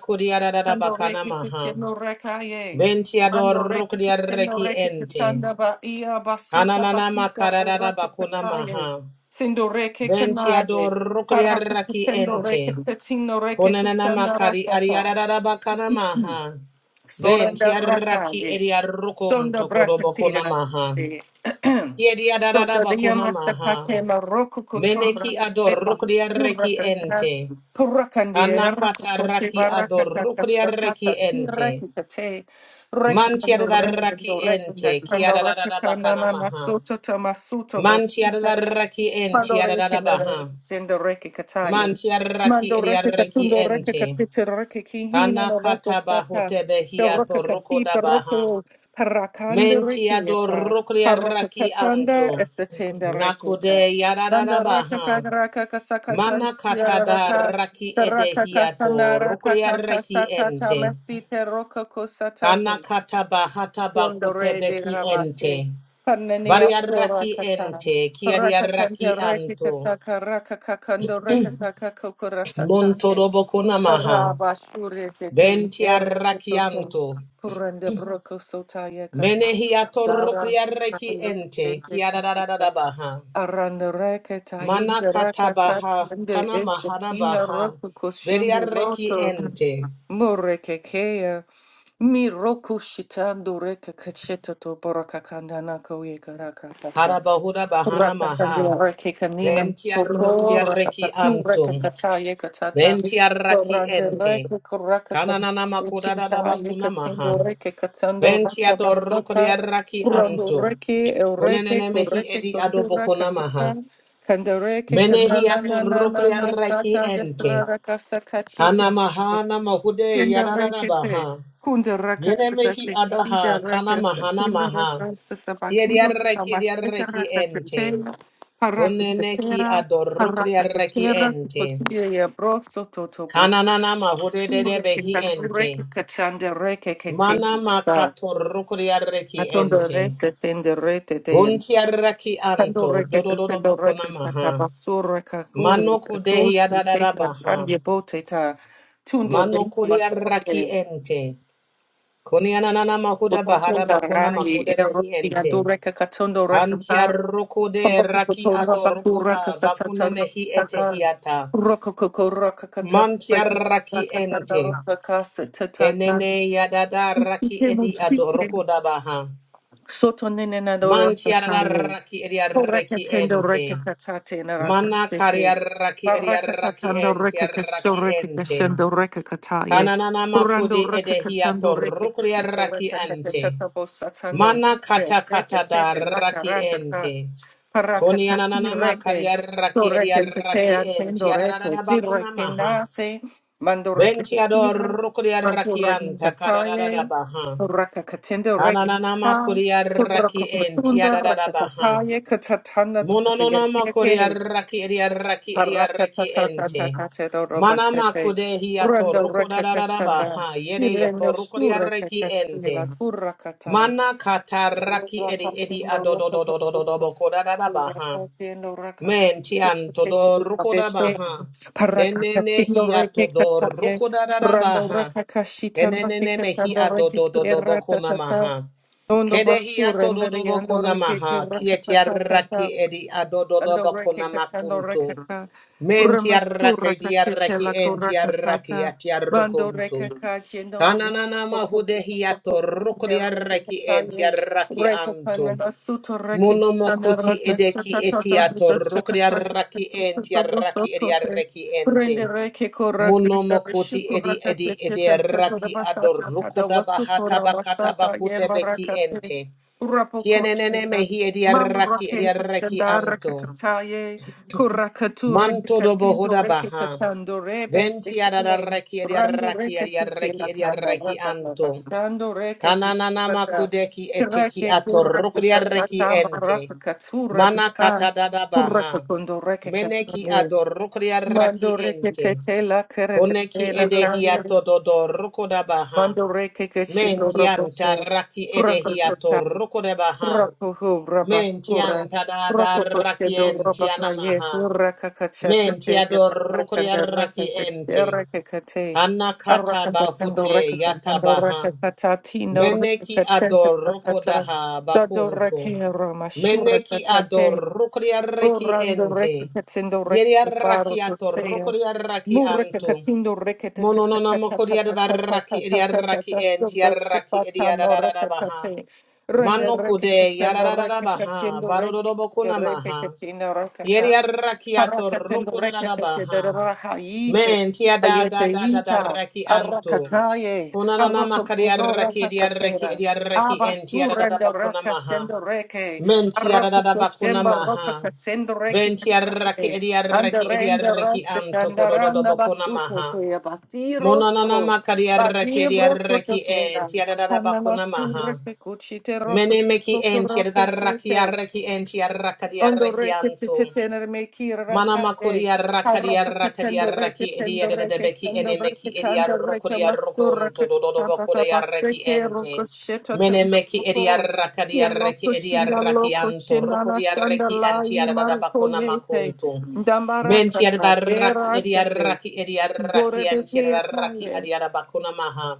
[SPEAKER 1] Sando reki
[SPEAKER 2] coriaradabacana
[SPEAKER 1] kicheno rekaye.
[SPEAKER 2] Ventia
[SPEAKER 1] Mando reki kicheno
[SPEAKER 2] dorrocoriarraki
[SPEAKER 1] reki
[SPEAKER 2] ente.
[SPEAKER 1] kitanda ba iya basuta
[SPEAKER 2] Anananama
[SPEAKER 1] papita orata
[SPEAKER 2] caradabacuna
[SPEAKER 1] kataye. Sindo reki
[SPEAKER 2] Bentia Ventia
[SPEAKER 1] kanaye. Parata
[SPEAKER 2] dorrocoriarraki
[SPEAKER 1] kitendo reki
[SPEAKER 2] ente.
[SPEAKER 1] tetino reki
[SPEAKER 2] Conananama
[SPEAKER 1] kitanda
[SPEAKER 2] cari
[SPEAKER 1] rasata.
[SPEAKER 2] ariadabacana maha.
[SPEAKER 1] Soranda
[SPEAKER 2] Ventia raki
[SPEAKER 1] rakaye.
[SPEAKER 2] eriarrocon
[SPEAKER 1] Sonda
[SPEAKER 2] to corobocona
[SPEAKER 1] brakatira.
[SPEAKER 2] maha. Kiedia
[SPEAKER 1] So
[SPEAKER 2] dadada
[SPEAKER 1] Dadia
[SPEAKER 2] bakuna maha.
[SPEAKER 1] Masakate Maroko Kotura
[SPEAKER 2] Meneki ador
[SPEAKER 1] Seba
[SPEAKER 2] rukria reki
[SPEAKER 1] Purakasan
[SPEAKER 2] ente.
[SPEAKER 1] Purakandi
[SPEAKER 2] Anakata
[SPEAKER 1] Rakote
[SPEAKER 2] raki ador
[SPEAKER 1] Barakaka
[SPEAKER 2] rukria reki
[SPEAKER 1] Satata
[SPEAKER 2] ente.
[SPEAKER 1] Tirakate
[SPEAKER 2] Mantia
[SPEAKER 1] Rekando
[SPEAKER 2] raki
[SPEAKER 1] Rekando Rekanda
[SPEAKER 2] ente. Kia dadada bakana
[SPEAKER 1] Rekanda
[SPEAKER 2] maha.
[SPEAKER 1] Masota Tamasuto
[SPEAKER 2] Mantia da
[SPEAKER 1] Bosita
[SPEAKER 2] raki
[SPEAKER 1] Mando
[SPEAKER 2] ente.
[SPEAKER 1] reke
[SPEAKER 2] Adada
[SPEAKER 1] nere
[SPEAKER 2] baha.
[SPEAKER 1] sendo reke kataye.
[SPEAKER 2] Mantia raki
[SPEAKER 1] Mando
[SPEAKER 2] edia
[SPEAKER 1] reke
[SPEAKER 2] reki
[SPEAKER 1] katundo reke
[SPEAKER 2] ente.
[SPEAKER 1] katite reke kihina no noto
[SPEAKER 2] Kanakata
[SPEAKER 1] fata.
[SPEAKER 2] bahute behia
[SPEAKER 1] Perroka
[SPEAKER 2] toruko
[SPEAKER 1] kati
[SPEAKER 2] baha.
[SPEAKER 1] perroko parakanda reke
[SPEAKER 2] Mentia
[SPEAKER 1] yata.
[SPEAKER 2] rukria
[SPEAKER 1] Parroka
[SPEAKER 2] raki
[SPEAKER 1] katanda
[SPEAKER 2] anto.
[SPEAKER 1] esetenda reke yata.
[SPEAKER 2] Nakude yadada
[SPEAKER 1] Danda raka
[SPEAKER 2] baha.
[SPEAKER 1] kagraka kasaka
[SPEAKER 2] Mana
[SPEAKER 1] kansia
[SPEAKER 2] katada
[SPEAKER 1] raka.
[SPEAKER 2] raki
[SPEAKER 1] Saraka
[SPEAKER 2] edehiato
[SPEAKER 1] kasanara
[SPEAKER 2] rukria
[SPEAKER 1] kaka
[SPEAKER 2] reki
[SPEAKER 1] kasata
[SPEAKER 2] ente.
[SPEAKER 1] mesite roko kosatato.
[SPEAKER 2] Kana kataba hataba
[SPEAKER 1] Sundore de
[SPEAKER 2] kutebeki
[SPEAKER 1] Rabashe,
[SPEAKER 2] ente.
[SPEAKER 1] Panania
[SPEAKER 2] Varia
[SPEAKER 1] Sura
[SPEAKER 2] raki
[SPEAKER 1] Kata,
[SPEAKER 2] ente, kiaria
[SPEAKER 1] Rakatanja
[SPEAKER 2] raki anto.
[SPEAKER 1] Rekikasa rakakakando Kakando Rekaka Kokura Satane,
[SPEAKER 2] Montorobo kunamaha.
[SPEAKER 1] Rabashure Tetel,
[SPEAKER 2] Ventia raki
[SPEAKER 1] Erkosoto,
[SPEAKER 2] anto.
[SPEAKER 1] Puranda Broko Sotaya Kata,
[SPEAKER 2] Menehiato
[SPEAKER 1] Dara
[SPEAKER 2] rukria reki
[SPEAKER 1] Sataya
[SPEAKER 2] ente,
[SPEAKER 1] Tetel,
[SPEAKER 2] kiarararara baha.
[SPEAKER 1] Aranda Rekata,
[SPEAKER 2] Mana
[SPEAKER 1] Inda Rakata,
[SPEAKER 2] katabaha,
[SPEAKER 1] Sende
[SPEAKER 2] kana mahara
[SPEAKER 1] Eshatina
[SPEAKER 2] baha.
[SPEAKER 1] Roku
[SPEAKER 2] Veria
[SPEAKER 1] Koshembu
[SPEAKER 2] reki
[SPEAKER 1] Roto,
[SPEAKER 2] ente.
[SPEAKER 1] Murekekea. Mi roku shitando reka kacheta to boraka kandana ko ye karaka kasa.
[SPEAKER 2] Karabahura bahana
[SPEAKER 1] Raka
[SPEAKER 2] maha.
[SPEAKER 1] kandia reke kanina
[SPEAKER 2] Venti arrukdi
[SPEAKER 1] koko raka
[SPEAKER 2] arreki
[SPEAKER 1] katsu reka
[SPEAKER 2] antum.
[SPEAKER 1] kata ye katata.
[SPEAKER 2] Venti arraki
[SPEAKER 1] Dorande
[SPEAKER 2] ente.
[SPEAKER 1] reke koraka
[SPEAKER 2] Kananana
[SPEAKER 1] katseti
[SPEAKER 2] makuda da
[SPEAKER 1] ta ye
[SPEAKER 2] bakuna
[SPEAKER 1] katsindo
[SPEAKER 2] maha.
[SPEAKER 1] reke katsando
[SPEAKER 2] Venti
[SPEAKER 1] raka
[SPEAKER 2] adorrukri
[SPEAKER 1] basota.
[SPEAKER 2] arraki
[SPEAKER 1] Rondo
[SPEAKER 2] antum.
[SPEAKER 1] reke el reke
[SPEAKER 2] Kunenene mehi
[SPEAKER 1] koreke
[SPEAKER 2] edi
[SPEAKER 1] kotura
[SPEAKER 2] adobokuna maha.
[SPEAKER 1] katata. Kandareke
[SPEAKER 2] Menehi
[SPEAKER 1] kanana na na na
[SPEAKER 2] atorrukri
[SPEAKER 1] na
[SPEAKER 2] arraki
[SPEAKER 1] sata jastra
[SPEAKER 2] ente.
[SPEAKER 1] raka sakachita.
[SPEAKER 2] Anamaha namahude
[SPEAKER 1] Shinda
[SPEAKER 2] yadada
[SPEAKER 1] rekete.
[SPEAKER 2] baha.
[SPEAKER 1] Kunda
[SPEAKER 2] Yene
[SPEAKER 1] rakakasa
[SPEAKER 2] mehi
[SPEAKER 1] sida
[SPEAKER 2] adaha kana
[SPEAKER 1] rakasa
[SPEAKER 2] mahana
[SPEAKER 1] sida
[SPEAKER 2] maha.
[SPEAKER 1] rakasa
[SPEAKER 2] Yedi
[SPEAKER 1] sabakino
[SPEAKER 2] arreki yedi
[SPEAKER 1] kamaseta
[SPEAKER 2] arreki ente.
[SPEAKER 1] rakatera
[SPEAKER 2] Kuneneki
[SPEAKER 1] parakatera
[SPEAKER 2] adorrukri arraki
[SPEAKER 1] parakatera
[SPEAKER 2] ente.
[SPEAKER 1] kukotia ya broso totobo
[SPEAKER 2] Kananana mahurere
[SPEAKER 1] sure
[SPEAKER 2] behi
[SPEAKER 1] kinzangure
[SPEAKER 2] ente.
[SPEAKER 1] kikachande reke kete
[SPEAKER 2] Mana
[SPEAKER 1] sa
[SPEAKER 2] makato rukuriareki
[SPEAKER 1] atondo
[SPEAKER 2] ente.
[SPEAKER 1] rese tende rete te
[SPEAKER 2] Buntiareki
[SPEAKER 1] kando
[SPEAKER 2] anto.
[SPEAKER 1] reke kete
[SPEAKER 2] Dodododo
[SPEAKER 1] do reke
[SPEAKER 2] bokona maha.
[SPEAKER 1] tatabasura kakuru
[SPEAKER 2] Manoku dehi
[SPEAKER 1] kakusi
[SPEAKER 2] adadada
[SPEAKER 1] teka
[SPEAKER 2] baha.
[SPEAKER 1] tandye bote tundo reke
[SPEAKER 2] Manokuriareki
[SPEAKER 1] masoye
[SPEAKER 2] ente. Kunianana mahuda bahada
[SPEAKER 1] Lokatunga
[SPEAKER 2] bakona
[SPEAKER 1] rai e
[SPEAKER 2] makude behi
[SPEAKER 1] roki a
[SPEAKER 2] ente.
[SPEAKER 1] dureka katondo rekapa.
[SPEAKER 2] Antiarukude
[SPEAKER 1] Roki
[SPEAKER 2] raki
[SPEAKER 1] kotora bakura
[SPEAKER 2] adorukuda
[SPEAKER 1] katatata
[SPEAKER 2] bakunemehi
[SPEAKER 1] kana.
[SPEAKER 2] etehiata.
[SPEAKER 1] Roko koko roka kata reki
[SPEAKER 2] Mantiaraki
[SPEAKER 1] rakatanda
[SPEAKER 2] ente.
[SPEAKER 1] roka kasa tatata.
[SPEAKER 2] Kenene yadada raki
[SPEAKER 1] Ike mo
[SPEAKER 2] edi
[SPEAKER 1] sike.
[SPEAKER 2] adoroko dabaha.
[SPEAKER 1] Soto nene na doro
[SPEAKER 2] Manti yadada raki edi arreki
[SPEAKER 1] Korakatendo
[SPEAKER 2] ente.
[SPEAKER 1] rekakatate
[SPEAKER 2] Mana kari
[SPEAKER 1] narakasete.
[SPEAKER 2] arraki edi arraki
[SPEAKER 1] Parakakatando
[SPEAKER 2] ente
[SPEAKER 1] rekakaso
[SPEAKER 2] arraki ente.
[SPEAKER 1] rekakashendo rekakataye.
[SPEAKER 2] Kananana
[SPEAKER 1] Purando
[SPEAKER 2] makudi edehi
[SPEAKER 1] rekakatando
[SPEAKER 2] atoroko
[SPEAKER 1] rekakatito
[SPEAKER 2] arraki ente.
[SPEAKER 1] rekakatatabo satando.
[SPEAKER 2] Mana kata
[SPEAKER 1] Besete
[SPEAKER 2] kata da
[SPEAKER 1] tete
[SPEAKER 2] raki
[SPEAKER 1] lakaratata.
[SPEAKER 2] ente. Koni
[SPEAKER 1] Parakataki
[SPEAKER 2] ananana
[SPEAKER 1] reke,
[SPEAKER 2] makari
[SPEAKER 1] so
[SPEAKER 2] arraki edi
[SPEAKER 1] reke tete
[SPEAKER 2] arraki ente
[SPEAKER 1] atendo rete,
[SPEAKER 2] yadada bakuna
[SPEAKER 1] tireke
[SPEAKER 2] maha.
[SPEAKER 1] nase, mando reke
[SPEAKER 2] Benti
[SPEAKER 1] katira,
[SPEAKER 2] adoroko
[SPEAKER 1] mando
[SPEAKER 2] arraki
[SPEAKER 1] reke
[SPEAKER 2] anta kadada
[SPEAKER 1] kataye,
[SPEAKER 2] baha.
[SPEAKER 1] raka katendo reke
[SPEAKER 2] Ananana
[SPEAKER 1] kata,
[SPEAKER 2] kuria raki
[SPEAKER 1] raka
[SPEAKER 2] en tia
[SPEAKER 1] katunda
[SPEAKER 2] da da da
[SPEAKER 1] reke
[SPEAKER 2] baha.
[SPEAKER 1] kataye, katatana
[SPEAKER 2] Mononona kuria
[SPEAKER 1] tukayerekeke,
[SPEAKER 2] raki eria raki eria raki ente.
[SPEAKER 1] parakatatatatakatedo
[SPEAKER 2] Mana
[SPEAKER 1] robasete,
[SPEAKER 2] makude hiato
[SPEAKER 1] rando
[SPEAKER 2] ruko da
[SPEAKER 1] reke
[SPEAKER 2] da da da
[SPEAKER 1] kashanda,
[SPEAKER 2] baha. Yere yato
[SPEAKER 1] ireno
[SPEAKER 2] ruko ria
[SPEAKER 1] shure
[SPEAKER 2] raki
[SPEAKER 1] kakashila,
[SPEAKER 2] ente.
[SPEAKER 1] kurakata,
[SPEAKER 2] Mana kata raki
[SPEAKER 1] raka
[SPEAKER 2] edi edi
[SPEAKER 1] katendo
[SPEAKER 2] adodo do do do do
[SPEAKER 1] reke
[SPEAKER 2] do boko da da da baha.
[SPEAKER 1] Haciendo raca-
[SPEAKER 2] Men tian to
[SPEAKER 1] Sukuteshi
[SPEAKER 2] do ruko da
[SPEAKER 1] Mabeshe,
[SPEAKER 2] baha. Enene
[SPEAKER 1] Parakakachino reke
[SPEAKER 2] hiato do
[SPEAKER 1] Kataye,
[SPEAKER 2] ruko da da da
[SPEAKER 1] rando
[SPEAKER 2] baha.
[SPEAKER 1] Rakakashita Reke
[SPEAKER 2] Kenenene hi
[SPEAKER 1] Kasando Reke
[SPEAKER 2] adodododo boko
[SPEAKER 1] Ratatata,
[SPEAKER 2] namaha.
[SPEAKER 1] Ondo
[SPEAKER 2] Kede hi
[SPEAKER 1] basura and the
[SPEAKER 2] atododo boko
[SPEAKER 1] riando reke
[SPEAKER 2] namaha.
[SPEAKER 1] rakatata
[SPEAKER 2] Kietiaraki edi adododo boko
[SPEAKER 1] Aloreke katalo
[SPEAKER 2] namakuntu.
[SPEAKER 1] rekaka.
[SPEAKER 2] Mentiaraki
[SPEAKER 1] Bramasura katete
[SPEAKER 2] diaraki
[SPEAKER 1] la koraka
[SPEAKER 2] entiaraki
[SPEAKER 1] tata. Bando
[SPEAKER 2] atiarukuntu.
[SPEAKER 1] rekaka kendo
[SPEAKER 2] Kananana mahude hi atoruku diaraki entiaraki antu. Munomokuti edeki etiato rukriaraki entiaraki ediaraki ente. Munomokoti edi edi edi raki ador rukuda bahata bakata bakute beki ente. Kienenene
[SPEAKER 1] Rapocosia,
[SPEAKER 2] mehi edi raki edi
[SPEAKER 1] Mambrake
[SPEAKER 2] raki
[SPEAKER 1] Sadara
[SPEAKER 2] anto.
[SPEAKER 1] Kakataye, Kurakatura
[SPEAKER 2] Manto do
[SPEAKER 1] Katindo
[SPEAKER 2] bohoda
[SPEAKER 1] Reke
[SPEAKER 2] baha.
[SPEAKER 1] Katando Rebe
[SPEAKER 2] Venti adada
[SPEAKER 1] Sikele,
[SPEAKER 2] raki edi
[SPEAKER 1] Rando
[SPEAKER 2] raki
[SPEAKER 1] Reke
[SPEAKER 2] edi
[SPEAKER 1] Tichi
[SPEAKER 2] raki edi
[SPEAKER 1] Lakanda,
[SPEAKER 2] raki
[SPEAKER 1] Rakata
[SPEAKER 2] anto.
[SPEAKER 1] Bastando Rekati,
[SPEAKER 2] Kananana
[SPEAKER 1] Reke Tichaka,
[SPEAKER 2] makudeki eteki
[SPEAKER 1] Kireke
[SPEAKER 2] ator
[SPEAKER 1] Kuraka
[SPEAKER 2] rukudi raki
[SPEAKER 1] Katatama
[SPEAKER 2] ente.
[SPEAKER 1] Rakakatura
[SPEAKER 2] Mana
[SPEAKER 1] Bata,
[SPEAKER 2] kata dada baha.
[SPEAKER 1] Kurakakundo Reke
[SPEAKER 2] Meneki
[SPEAKER 1] Kasane,
[SPEAKER 2] ador rukudi raki
[SPEAKER 1] Mando Reke
[SPEAKER 2] ente.
[SPEAKER 1] Tete La Kerete
[SPEAKER 2] Koneki
[SPEAKER 1] La
[SPEAKER 2] edehia
[SPEAKER 1] Kanye,
[SPEAKER 2] tododo rukodabaha.
[SPEAKER 1] Mando Reke Kashindo
[SPEAKER 2] Mentian
[SPEAKER 1] Robose,
[SPEAKER 2] taraki edehia to
[SPEAKER 1] Kurakatota.
[SPEAKER 2] rukodabaha.
[SPEAKER 1] Rakuhu Rabasura,
[SPEAKER 2] Mentian tadada raki
[SPEAKER 1] Rakusedo Rabakaye,
[SPEAKER 2] entianamaha.
[SPEAKER 1] Rakakachate,
[SPEAKER 2] Mentiador rukodia
[SPEAKER 1] Rakanda
[SPEAKER 2] raki ente.
[SPEAKER 1] Rakakate,
[SPEAKER 2] Anakata
[SPEAKER 1] Arakatando
[SPEAKER 2] bahute
[SPEAKER 1] Rakakatando
[SPEAKER 2] yatabaha.
[SPEAKER 1] Rakakatatino
[SPEAKER 2] Meneki
[SPEAKER 1] Rakakatanta
[SPEAKER 2] ador
[SPEAKER 1] Patata,
[SPEAKER 2] rukodaha
[SPEAKER 1] Dado
[SPEAKER 2] bakuntu.
[SPEAKER 1] Rake
[SPEAKER 2] Meneki
[SPEAKER 1] Ramashura
[SPEAKER 2] ador rukodia reki
[SPEAKER 1] Orando reke
[SPEAKER 2] ente.
[SPEAKER 1] katendo reke
[SPEAKER 2] Yeriaraki
[SPEAKER 1] baro
[SPEAKER 2] ator
[SPEAKER 1] kosea.
[SPEAKER 2] rukodia raki
[SPEAKER 1] Mureke
[SPEAKER 2] antu.
[SPEAKER 1] katendo reke ta ta ta
[SPEAKER 2] Mononona
[SPEAKER 1] ta ta ta
[SPEAKER 2] mokodiada
[SPEAKER 1] ta ta
[SPEAKER 2] baraki
[SPEAKER 1] ta ta ta ta ta
[SPEAKER 2] idiadaraki
[SPEAKER 1] ta
[SPEAKER 2] and
[SPEAKER 1] Dodo
[SPEAKER 2] tiadaraki
[SPEAKER 1] shipata no
[SPEAKER 2] idiadadada
[SPEAKER 1] reke ta
[SPEAKER 2] baha.
[SPEAKER 1] te. Rende
[SPEAKER 2] Mano
[SPEAKER 1] reke
[SPEAKER 2] kude
[SPEAKER 1] katendo
[SPEAKER 2] yadadada
[SPEAKER 1] reke
[SPEAKER 2] baha.
[SPEAKER 1] katendo reke
[SPEAKER 2] Barodobokuna
[SPEAKER 1] katendo reke
[SPEAKER 2] maha.
[SPEAKER 1] katendo reke ka.
[SPEAKER 2] Yeriarakiato
[SPEAKER 1] Parakatendo
[SPEAKER 2] rokudada
[SPEAKER 1] rekete
[SPEAKER 2] baha.
[SPEAKER 1] daraha yite
[SPEAKER 2] Men
[SPEAKER 1] ayete
[SPEAKER 2] tiadadadada
[SPEAKER 1] yita
[SPEAKER 2] raki anto.
[SPEAKER 1] arakataye
[SPEAKER 2] Kunanana
[SPEAKER 1] arakuno
[SPEAKER 2] makariaraki idiadaraki
[SPEAKER 1] rakatera
[SPEAKER 2] idiadaraki and tiadadada
[SPEAKER 1] abasurenda
[SPEAKER 2] bakuna maha.
[SPEAKER 1] rakasendo reke
[SPEAKER 2] Men tiadadada bakuna
[SPEAKER 1] arakutosemba
[SPEAKER 2] maha.
[SPEAKER 1] rakasendo reke
[SPEAKER 2] Ben tiadaraki
[SPEAKER 1] kataye
[SPEAKER 2] idiadaraki
[SPEAKER 1] andarenda
[SPEAKER 2] idiadaraki anto
[SPEAKER 1] rasetanda randa
[SPEAKER 2] kododobokuna
[SPEAKER 1] basuto
[SPEAKER 2] maha.
[SPEAKER 1] te abatiro
[SPEAKER 2] Monanana
[SPEAKER 1] to
[SPEAKER 2] makariaraki
[SPEAKER 1] badibro
[SPEAKER 2] ariaraki en
[SPEAKER 1] kutosenda
[SPEAKER 2] tiarada
[SPEAKER 1] kanama
[SPEAKER 2] bakuna maha.
[SPEAKER 1] sureke kuchite
[SPEAKER 2] Mene meki en
[SPEAKER 1] rokutokoroko
[SPEAKER 2] tiaraki araki en
[SPEAKER 1] Ondo
[SPEAKER 2] tiaraki anto.
[SPEAKER 1] rekete meki
[SPEAKER 2] Mana
[SPEAKER 1] rakande.
[SPEAKER 2] makuria rakaria
[SPEAKER 1] Harapa
[SPEAKER 2] rakaria
[SPEAKER 1] katendo
[SPEAKER 2] raki edia
[SPEAKER 1] reketendo
[SPEAKER 2] de de beki
[SPEAKER 1] reketendo
[SPEAKER 2] ene meki edia
[SPEAKER 1] rekekando reke
[SPEAKER 2] rokuria
[SPEAKER 1] masura
[SPEAKER 2] rokun to do do do
[SPEAKER 1] kakata
[SPEAKER 2] bokuria reki
[SPEAKER 1] baseke roko
[SPEAKER 2] ente.
[SPEAKER 1] sheta
[SPEAKER 2] Mene meki edia
[SPEAKER 1] tambroko. Ye
[SPEAKER 2] rakaria reki
[SPEAKER 1] loko
[SPEAKER 2] edia
[SPEAKER 1] shinda loko
[SPEAKER 2] rakianto
[SPEAKER 1] shinana
[SPEAKER 2] rokuria
[SPEAKER 1] sanda
[SPEAKER 2] reki antia
[SPEAKER 1] lai
[SPEAKER 2] da da
[SPEAKER 1] marto
[SPEAKER 2] bakuna
[SPEAKER 1] yete.
[SPEAKER 2] makunto.
[SPEAKER 1] Dambara
[SPEAKER 2] Mentia
[SPEAKER 1] kata
[SPEAKER 2] da raki
[SPEAKER 1] dera
[SPEAKER 2] edia
[SPEAKER 1] sete.
[SPEAKER 2] raki edia raki antia
[SPEAKER 1] Dorebete
[SPEAKER 2] da raki
[SPEAKER 1] ataye.
[SPEAKER 2] adia da bakuna maha.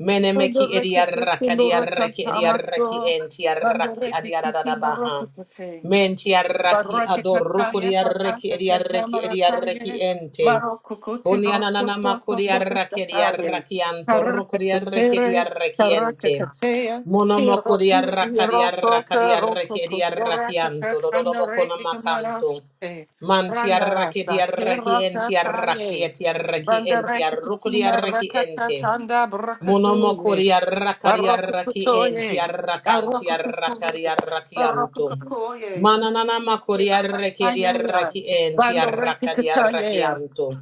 [SPEAKER 2] Mene
[SPEAKER 1] Ondo
[SPEAKER 2] meki edia
[SPEAKER 1] rekete shindo
[SPEAKER 2] rakaria reki
[SPEAKER 1] rekata
[SPEAKER 2] edia raki
[SPEAKER 1] maso.
[SPEAKER 2] entia
[SPEAKER 1] Bando
[SPEAKER 2] raki adia
[SPEAKER 1] rekete
[SPEAKER 2] da da
[SPEAKER 1] tindo roko
[SPEAKER 2] baha.
[SPEAKER 1] kate.
[SPEAKER 2] Menti arraki ador
[SPEAKER 1] Baradikataye
[SPEAKER 2] di arreki
[SPEAKER 1] barata
[SPEAKER 2] edi
[SPEAKER 1] tete
[SPEAKER 2] arreki edi arreki
[SPEAKER 1] marataye.
[SPEAKER 2] ente.
[SPEAKER 1] Maro kukuti
[SPEAKER 2] Kuni
[SPEAKER 1] boto
[SPEAKER 2] ananana
[SPEAKER 1] boto
[SPEAKER 2] makuri
[SPEAKER 1] boto
[SPEAKER 2] arraki edi
[SPEAKER 1] sataye.
[SPEAKER 2] arraki anto
[SPEAKER 1] Karaka
[SPEAKER 2] di arreki edi
[SPEAKER 1] tetere,
[SPEAKER 2] arreki
[SPEAKER 1] karaka
[SPEAKER 2] ente.
[SPEAKER 1] kateya.
[SPEAKER 2] Mono
[SPEAKER 1] Hiro
[SPEAKER 2] makuri arraka di
[SPEAKER 1] hiro
[SPEAKER 2] arraka di
[SPEAKER 1] kote
[SPEAKER 2] arreki
[SPEAKER 1] roko
[SPEAKER 2] edi
[SPEAKER 1] kusora
[SPEAKER 2] arraki anto dododo
[SPEAKER 1] kakatanda
[SPEAKER 2] bokona
[SPEAKER 1] reki kamarasute.
[SPEAKER 2] Manti
[SPEAKER 1] Rangara
[SPEAKER 2] arraki di
[SPEAKER 1] sate
[SPEAKER 2] arraki enti arraki
[SPEAKER 1] rakataye.
[SPEAKER 2] eti arraki enti
[SPEAKER 1] Bandareka
[SPEAKER 2] arruku di
[SPEAKER 1] katina
[SPEAKER 2] arreki
[SPEAKER 1] rakata
[SPEAKER 2] ente.
[SPEAKER 1] tanda brakatuye.
[SPEAKER 2] Monomokori arrakari
[SPEAKER 1] Baroko
[SPEAKER 2] arraki enti
[SPEAKER 1] kutoye.
[SPEAKER 2] arrakanti
[SPEAKER 1] Baroko
[SPEAKER 2] arrakari
[SPEAKER 1] kutoye. Baroko
[SPEAKER 2] arrakianto.
[SPEAKER 1] kutoye.
[SPEAKER 2] Mananana makori arrekeri
[SPEAKER 1] Basaya,
[SPEAKER 2] arraki enti arrakari
[SPEAKER 1] Bandorekataya,
[SPEAKER 2] arrakianto.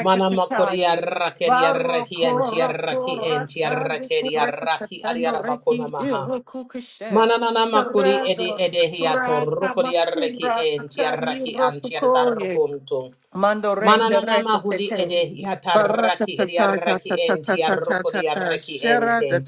[SPEAKER 2] Manamakori arrakeri arraki enti arraki enti arrakeri arraki
[SPEAKER 1] Barokorokorokavikurakitatendo
[SPEAKER 2] ariarabakona
[SPEAKER 1] reki
[SPEAKER 2] maha.
[SPEAKER 1] irokukushe.
[SPEAKER 2] Mananana makori edi
[SPEAKER 1] Terego,
[SPEAKER 2] edehiato
[SPEAKER 1] raka
[SPEAKER 2] rukori arreki
[SPEAKER 1] masura
[SPEAKER 2] enti
[SPEAKER 1] kakani
[SPEAKER 2] arraki anti
[SPEAKER 1] rokukoye.
[SPEAKER 2] arrakunto.
[SPEAKER 1] Mandorende
[SPEAKER 2] Mananana mahudi
[SPEAKER 1] retetete.
[SPEAKER 2] ede hiataraki
[SPEAKER 1] Barakatata ta
[SPEAKER 2] ediaraki
[SPEAKER 1] ta ta ta
[SPEAKER 2] enti
[SPEAKER 1] ta ta ta
[SPEAKER 2] arrokodi
[SPEAKER 1] ta.
[SPEAKER 2] arraki
[SPEAKER 1] Shera
[SPEAKER 2] ente.
[SPEAKER 1] da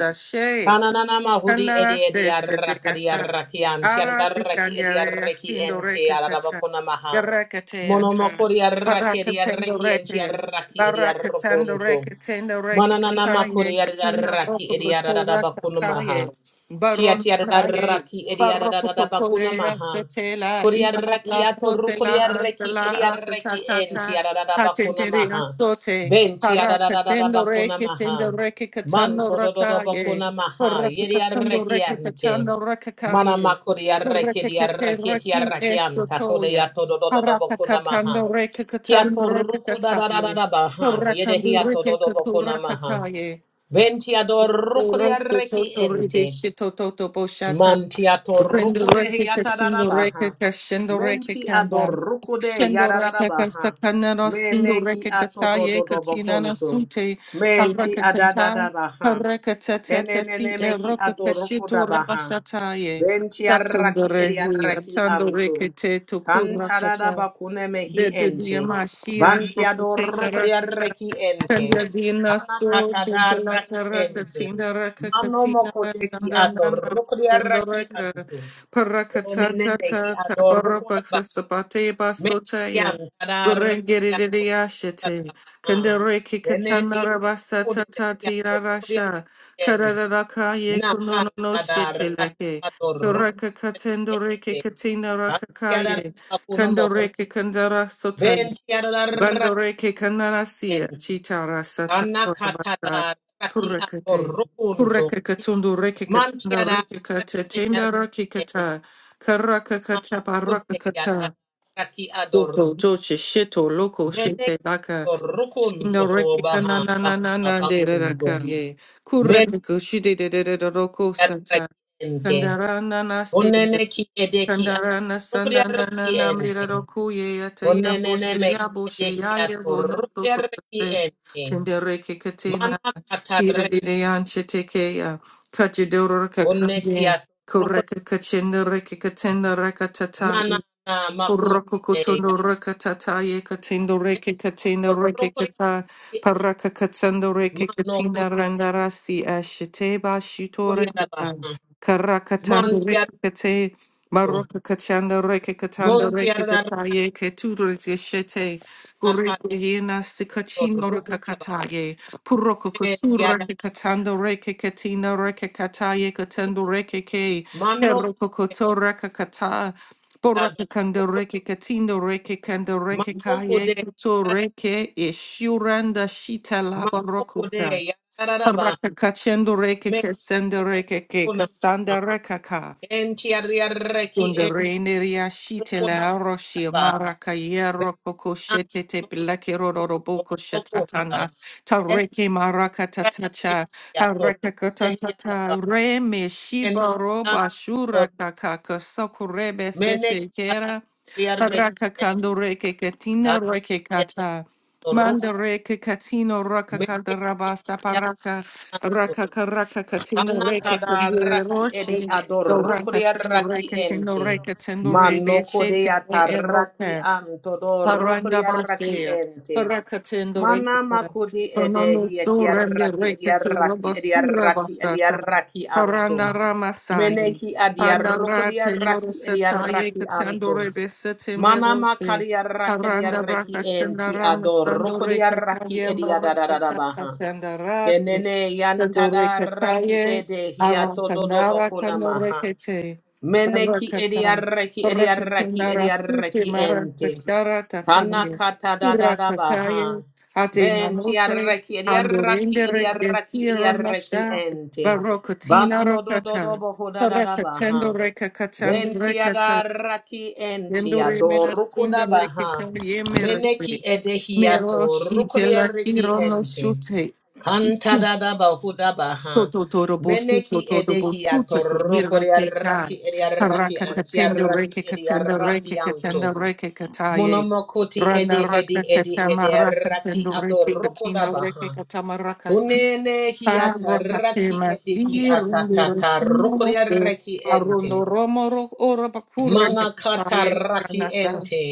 [SPEAKER 2] Kananana mahudi
[SPEAKER 1] Kandara
[SPEAKER 2] ede
[SPEAKER 1] se te
[SPEAKER 2] ediarakadi
[SPEAKER 1] yasa.
[SPEAKER 2] arraki anti
[SPEAKER 1] Ara te
[SPEAKER 2] arraki
[SPEAKER 1] kanyare
[SPEAKER 2] ediaraki
[SPEAKER 1] yasindo
[SPEAKER 2] ente
[SPEAKER 1] reke kacha.
[SPEAKER 2] arabakona maha.
[SPEAKER 1] Yarekete ata.
[SPEAKER 2] Monomokori arraki
[SPEAKER 1] Parakatendo
[SPEAKER 2] ediaraki enti
[SPEAKER 1] reke.
[SPEAKER 2] arraki
[SPEAKER 1] Barakatendo
[SPEAKER 2] ediarrokonto.
[SPEAKER 1] reke tendo reke
[SPEAKER 2] Mananana
[SPEAKER 1] kachaye.
[SPEAKER 2] makuri
[SPEAKER 1] Katina
[SPEAKER 2] arraki
[SPEAKER 1] roko roto raka
[SPEAKER 2] ediarabakona
[SPEAKER 1] kaye.
[SPEAKER 2] maha.
[SPEAKER 1] Baron kaye.
[SPEAKER 2] Kiatiadaraki
[SPEAKER 1] Baroko
[SPEAKER 2] Ediadadabakuna
[SPEAKER 1] kokore
[SPEAKER 2] Maha.
[SPEAKER 1] yasetela. Ita
[SPEAKER 2] Kuriaraki
[SPEAKER 1] la
[SPEAKER 2] Atoru
[SPEAKER 1] sote la
[SPEAKER 2] Kuriareki
[SPEAKER 1] asela
[SPEAKER 2] Ediareki En
[SPEAKER 1] asetatata.
[SPEAKER 2] Tiadadabakuna
[SPEAKER 1] Patentere
[SPEAKER 2] Maha.
[SPEAKER 1] asote.
[SPEAKER 2] Ben
[SPEAKER 1] Parakatendo
[SPEAKER 2] Tiadadabakuna
[SPEAKER 1] reke
[SPEAKER 2] Maha.
[SPEAKER 1] tendo reke katando
[SPEAKER 2] Manto
[SPEAKER 1] rakaye.
[SPEAKER 2] Dododabakuna Maha.
[SPEAKER 1] Korakikatando
[SPEAKER 2] Yediareki Ante.
[SPEAKER 1] rekikatando
[SPEAKER 2] Mana
[SPEAKER 1] rakakaye.
[SPEAKER 2] Makuriareki
[SPEAKER 1] Korakikate
[SPEAKER 2] Diareki
[SPEAKER 1] raki
[SPEAKER 2] Tiareki Anta
[SPEAKER 1] eshotoya.
[SPEAKER 2] Kodeato Dododabakuna Maha.
[SPEAKER 1] Harakakatando rekikatando
[SPEAKER 2] Kiatoru
[SPEAKER 1] rakakataye.
[SPEAKER 2] Kudadadabaha.
[SPEAKER 1] Korakando
[SPEAKER 2] Yedehiato
[SPEAKER 1] rekikatu
[SPEAKER 2] Dodobakuna Maha.
[SPEAKER 1] rakakaye.
[SPEAKER 2] Ben Tiadoru
[SPEAKER 1] Rosso
[SPEAKER 2] Kuriareki
[SPEAKER 1] toto
[SPEAKER 2] Ente.
[SPEAKER 1] ribisci toto tobo shata.
[SPEAKER 2] Manti
[SPEAKER 1] Rendo
[SPEAKER 2] atorrukude
[SPEAKER 1] reke kachino
[SPEAKER 2] yatadadabaha.
[SPEAKER 1] reke kashendo reke
[SPEAKER 2] Menti
[SPEAKER 1] kanda.
[SPEAKER 2] adorrukude
[SPEAKER 1] Shendo reke
[SPEAKER 2] yadadabaha.
[SPEAKER 1] kasakana no sindo
[SPEAKER 2] Meneki
[SPEAKER 1] reke kataye katina no
[SPEAKER 2] atododobokuntu.
[SPEAKER 1] sute.
[SPEAKER 2] Menti
[SPEAKER 1] Paraka kata.
[SPEAKER 2] adadadabaha.
[SPEAKER 1] Paraka tata tati
[SPEAKER 2] Keneneneme ki
[SPEAKER 1] eroka
[SPEAKER 2] adoroko
[SPEAKER 1] kashito
[SPEAKER 2] dabaha.
[SPEAKER 1] rabasataye.
[SPEAKER 2] Venti
[SPEAKER 1] Satundo
[SPEAKER 2] arraki eri
[SPEAKER 1] rehi
[SPEAKER 2] arraki
[SPEAKER 1] atando
[SPEAKER 2] anto.
[SPEAKER 1] reke te tokura
[SPEAKER 2] Kantarada
[SPEAKER 1] kata.
[SPEAKER 2] bakune mehi
[SPEAKER 1] Bedu
[SPEAKER 2] ente.
[SPEAKER 1] diamashi
[SPEAKER 2] banti
[SPEAKER 1] anroko
[SPEAKER 2] adoroko di
[SPEAKER 1] te
[SPEAKER 2] arraki ente.
[SPEAKER 1] Kandiyadina so
[SPEAKER 2] Tanakatada
[SPEAKER 1] titila
[SPEAKER 2] arraki ente.
[SPEAKER 1] katina raka
[SPEAKER 2] Mano
[SPEAKER 1] katina
[SPEAKER 2] mokote ki
[SPEAKER 1] nana
[SPEAKER 2] atoroko di arraki
[SPEAKER 1] sandaraka
[SPEAKER 2] anto.
[SPEAKER 1] parakata
[SPEAKER 2] Keneneneme ki
[SPEAKER 1] tata
[SPEAKER 2] adoroko
[SPEAKER 1] taparabaksa
[SPEAKER 2] dabaha.
[SPEAKER 1] sapate
[SPEAKER 2] Menti
[SPEAKER 1] basotaya
[SPEAKER 2] antada arraki
[SPEAKER 1] Gurengiriya
[SPEAKER 2] atoroko
[SPEAKER 1] shete
[SPEAKER 2] dabaha.
[SPEAKER 1] kandareki
[SPEAKER 2] Tene
[SPEAKER 1] katana
[SPEAKER 2] ya
[SPEAKER 1] rabasa
[SPEAKER 2] kude
[SPEAKER 1] tata
[SPEAKER 2] ya
[SPEAKER 1] tira
[SPEAKER 2] toroko di arraki
[SPEAKER 1] rasha
[SPEAKER 2] ente.
[SPEAKER 1] kararaka ye kunono no No,
[SPEAKER 2] Nakanda
[SPEAKER 1] shete lake
[SPEAKER 2] rakado
[SPEAKER 1] Toraka katendoreke
[SPEAKER 2] rukrente.
[SPEAKER 1] katina
[SPEAKER 2] Kantiada
[SPEAKER 1] rakakaye
[SPEAKER 2] akuno mohuna.
[SPEAKER 1] kandareke kandara
[SPEAKER 2] Bentiada rakente.
[SPEAKER 1] Bandoreke kanarasia chitara sata korabasa
[SPEAKER 2] Kanakata raki ado
[SPEAKER 1] purekete
[SPEAKER 2] rukunto.
[SPEAKER 1] kureke katundu reke katanda
[SPEAKER 2] Mantiada
[SPEAKER 1] reke katetenda rake
[SPEAKER 2] rakente.
[SPEAKER 1] kata karaka kata baraka
[SPEAKER 2] Kude yata
[SPEAKER 1] kata
[SPEAKER 2] raki ado ru-
[SPEAKER 1] toto doche shito loko
[SPEAKER 2] Mene
[SPEAKER 1] shite laka
[SPEAKER 2] ado
[SPEAKER 1] shinda
[SPEAKER 2] rukunto
[SPEAKER 1] reke
[SPEAKER 2] baha
[SPEAKER 1] kanana na na
[SPEAKER 2] baha
[SPEAKER 1] na de
[SPEAKER 2] bakunto.
[SPEAKER 1] raka ye
[SPEAKER 2] Mene
[SPEAKER 1] kureke kushide de de de de roko sata
[SPEAKER 2] rakente.
[SPEAKER 1] kandara
[SPEAKER 2] Onene ki edeki ado
[SPEAKER 1] Sandarana sandanana
[SPEAKER 2] rukriaraki ente.
[SPEAKER 1] namirado kuye ataya
[SPEAKER 2] Onenene
[SPEAKER 1] boshe ya boshe
[SPEAKER 2] mehidehi
[SPEAKER 1] ya ye no to
[SPEAKER 2] atorokoriareki
[SPEAKER 1] kote
[SPEAKER 2] ente.
[SPEAKER 1] tendere ke katina
[SPEAKER 2] Mana katare
[SPEAKER 1] kira de de anche teke ya kajidoro
[SPEAKER 2] oneki
[SPEAKER 1] kakande
[SPEAKER 2] atorokori
[SPEAKER 1] koreka kachendere ke katenda
[SPEAKER 2] nana na makunde
[SPEAKER 1] Rokokotono
[SPEAKER 2] yade
[SPEAKER 1] rakatata ye katendo reke katendo reke
[SPEAKER 2] orokoriareki
[SPEAKER 1] kata paraka katsando reke
[SPEAKER 2] mano
[SPEAKER 1] katina
[SPEAKER 2] kude
[SPEAKER 1] randarasi ashite ba shito rekata
[SPEAKER 2] koriarabaha.
[SPEAKER 1] karakatando reke
[SPEAKER 2] Mantiarko
[SPEAKER 1] kate maroka kachando reke katando reke kata
[SPEAKER 2] montiaraka
[SPEAKER 1] ye keturu zeshete gureke yena sikachino
[SPEAKER 2] torokoraba
[SPEAKER 1] rakakata ye puroko kotura
[SPEAKER 2] mentiada
[SPEAKER 1] reke katando reke katina reke kata ye katendo reke ke
[SPEAKER 2] mano
[SPEAKER 1] Heroko
[SPEAKER 2] kude
[SPEAKER 1] kotora Boraka kanda
[SPEAKER 2] adorokor
[SPEAKER 1] reke katindo reke kanda reke
[SPEAKER 2] mano
[SPEAKER 1] kaye
[SPEAKER 2] kude
[SPEAKER 1] kuto
[SPEAKER 2] yada-
[SPEAKER 1] reke ishuranda shita laba
[SPEAKER 2] mano kude
[SPEAKER 1] rokoka.
[SPEAKER 2] yadaraba
[SPEAKER 1] Paraka kachendo reke
[SPEAKER 2] me
[SPEAKER 1] kasenda reke ke
[SPEAKER 2] kuna
[SPEAKER 1] kasanda reka ka.
[SPEAKER 2] entiareki
[SPEAKER 1] Sunda reineria shite la
[SPEAKER 2] Kodekaba,
[SPEAKER 1] aroshi maraka yero
[SPEAKER 2] Bean
[SPEAKER 1] koko shete te pilake roroboko
[SPEAKER 2] Tokoda,
[SPEAKER 1] shatatana. Tareke maraka
[SPEAKER 2] Enaki
[SPEAKER 1] tatacha.
[SPEAKER 2] Ator,
[SPEAKER 1] Haraka
[SPEAKER 2] Ehiataba,
[SPEAKER 1] katatata. Reme shiba
[SPEAKER 2] Meneki
[SPEAKER 1] roba shura
[SPEAKER 2] Antor,
[SPEAKER 1] kaka kasokurebe sete
[SPEAKER 2] Meneki
[SPEAKER 1] kera.
[SPEAKER 2] Atoriareki
[SPEAKER 1] Raka
[SPEAKER 2] and
[SPEAKER 1] kando reke katina reke
[SPEAKER 2] Tantor,
[SPEAKER 1] kata. Manda reke katino raka kanda
[SPEAKER 2] Meneki
[SPEAKER 1] rabasa paraka.
[SPEAKER 2] Yanto,
[SPEAKER 1] Rakaka Raka karaka katina reke
[SPEAKER 2] Tanakada
[SPEAKER 1] kandire
[SPEAKER 2] Raki Edi
[SPEAKER 1] roshe.
[SPEAKER 2] Ador,
[SPEAKER 1] Do raka
[SPEAKER 2] Rukuria Raki
[SPEAKER 1] reke tino
[SPEAKER 2] Ente.
[SPEAKER 1] reke tino rebe
[SPEAKER 2] Manoko de
[SPEAKER 1] shete e e,
[SPEAKER 2] ataraki
[SPEAKER 1] roke.
[SPEAKER 2] antodor
[SPEAKER 1] Paranda
[SPEAKER 2] raki
[SPEAKER 1] Basia,
[SPEAKER 2] ente.
[SPEAKER 1] Parakatendo
[SPEAKER 2] Mana
[SPEAKER 1] Rekata,
[SPEAKER 2] makudi
[SPEAKER 1] Panano
[SPEAKER 2] edehi
[SPEAKER 1] Surende
[SPEAKER 2] etiarraki
[SPEAKER 1] Rekatu
[SPEAKER 2] ediaraki
[SPEAKER 1] Rabasura
[SPEAKER 2] ediaraki
[SPEAKER 1] Basata,
[SPEAKER 2] ediaraki antum.
[SPEAKER 1] Paranda Ramasai,
[SPEAKER 2] Meneki adiarroko
[SPEAKER 1] Pandarate
[SPEAKER 2] diarraki
[SPEAKER 1] Morosataye
[SPEAKER 2] ediaraki
[SPEAKER 1] Katando
[SPEAKER 2] antum.
[SPEAKER 1] Rebesete
[SPEAKER 2] Mana
[SPEAKER 1] Merose,
[SPEAKER 2] makadiarraki
[SPEAKER 1] Paranda
[SPEAKER 2] ediaraki
[SPEAKER 1] Rakashanda
[SPEAKER 2] enti
[SPEAKER 1] Ramasando
[SPEAKER 2] adorroko diarraki
[SPEAKER 1] Rekataye Marakata
[SPEAKER 2] ediadadadabaha.
[SPEAKER 1] Katanda Rasi,
[SPEAKER 2] Kenene
[SPEAKER 1] Sando
[SPEAKER 2] yantadarraki
[SPEAKER 1] Rekataye,
[SPEAKER 2] edehi
[SPEAKER 1] Arakandara
[SPEAKER 2] atododobokuna maha.
[SPEAKER 1] Kando
[SPEAKER 2] Meneki
[SPEAKER 1] Rekate,
[SPEAKER 2] ediaraki ediaraki
[SPEAKER 1] Rakatana Suti
[SPEAKER 2] ediaraki
[SPEAKER 1] Mara
[SPEAKER 2] enti.
[SPEAKER 1] Kashara Tataye,
[SPEAKER 2] Kanakata da da da baha.
[SPEAKER 1] Irakataye, Ate
[SPEAKER 2] Benti
[SPEAKER 1] Nanose,
[SPEAKER 2] arreki ediarraki
[SPEAKER 1] Andorindere de
[SPEAKER 2] ediarraki
[SPEAKER 1] Sierra
[SPEAKER 2] ediarreki
[SPEAKER 1] Masha,
[SPEAKER 2] ente.
[SPEAKER 1] Barokatina
[SPEAKER 2] Banto do do do
[SPEAKER 1] Rakata,
[SPEAKER 2] boho da da da
[SPEAKER 1] Rakatendo
[SPEAKER 2] baha.
[SPEAKER 1] Reka Katando
[SPEAKER 2] Benti
[SPEAKER 1] Rekata,
[SPEAKER 2] adarraki enti
[SPEAKER 1] Endore
[SPEAKER 2] adoruko
[SPEAKER 1] Menasinda
[SPEAKER 2] da baha.
[SPEAKER 1] Rekita Yemerase,
[SPEAKER 2] Meneki
[SPEAKER 1] Mero
[SPEAKER 2] edehiato
[SPEAKER 1] Shitela
[SPEAKER 2] rukuriarreki
[SPEAKER 1] Kirono
[SPEAKER 2] ente.
[SPEAKER 1] Shute.
[SPEAKER 2] Kanta da da boho da baha.
[SPEAKER 1] Toto Tototorobosu,
[SPEAKER 2] Meneki
[SPEAKER 1] tototobosu,
[SPEAKER 2] edehiato
[SPEAKER 1] totimireke kan.
[SPEAKER 2] rukuriarraki ediarraki
[SPEAKER 1] Karaka katenda
[SPEAKER 2] antiarraki
[SPEAKER 1] reke katenda
[SPEAKER 2] ediarraki
[SPEAKER 1] reke katenda
[SPEAKER 2] anto.
[SPEAKER 1] reke kataye.
[SPEAKER 2] Monomokoti ede
[SPEAKER 1] Rana
[SPEAKER 2] ede
[SPEAKER 1] raka
[SPEAKER 2] ede
[SPEAKER 1] tetama
[SPEAKER 2] ede
[SPEAKER 1] raka
[SPEAKER 2] raki
[SPEAKER 1] tendo reke
[SPEAKER 2] adoroko
[SPEAKER 1] katinda
[SPEAKER 2] dabaha.
[SPEAKER 1] reke katama raka.
[SPEAKER 2] Kunene hiata
[SPEAKER 1] Karaka
[SPEAKER 2] raki
[SPEAKER 1] tema
[SPEAKER 2] ede ki
[SPEAKER 1] sigi rundu
[SPEAKER 2] atata
[SPEAKER 1] rekino
[SPEAKER 2] roko ya
[SPEAKER 1] vose.
[SPEAKER 2] reki ente.
[SPEAKER 1] Arundo romoro ora bakure
[SPEAKER 2] Manakata
[SPEAKER 1] kataye.
[SPEAKER 2] raki
[SPEAKER 1] Rana rana.
[SPEAKER 2] ente.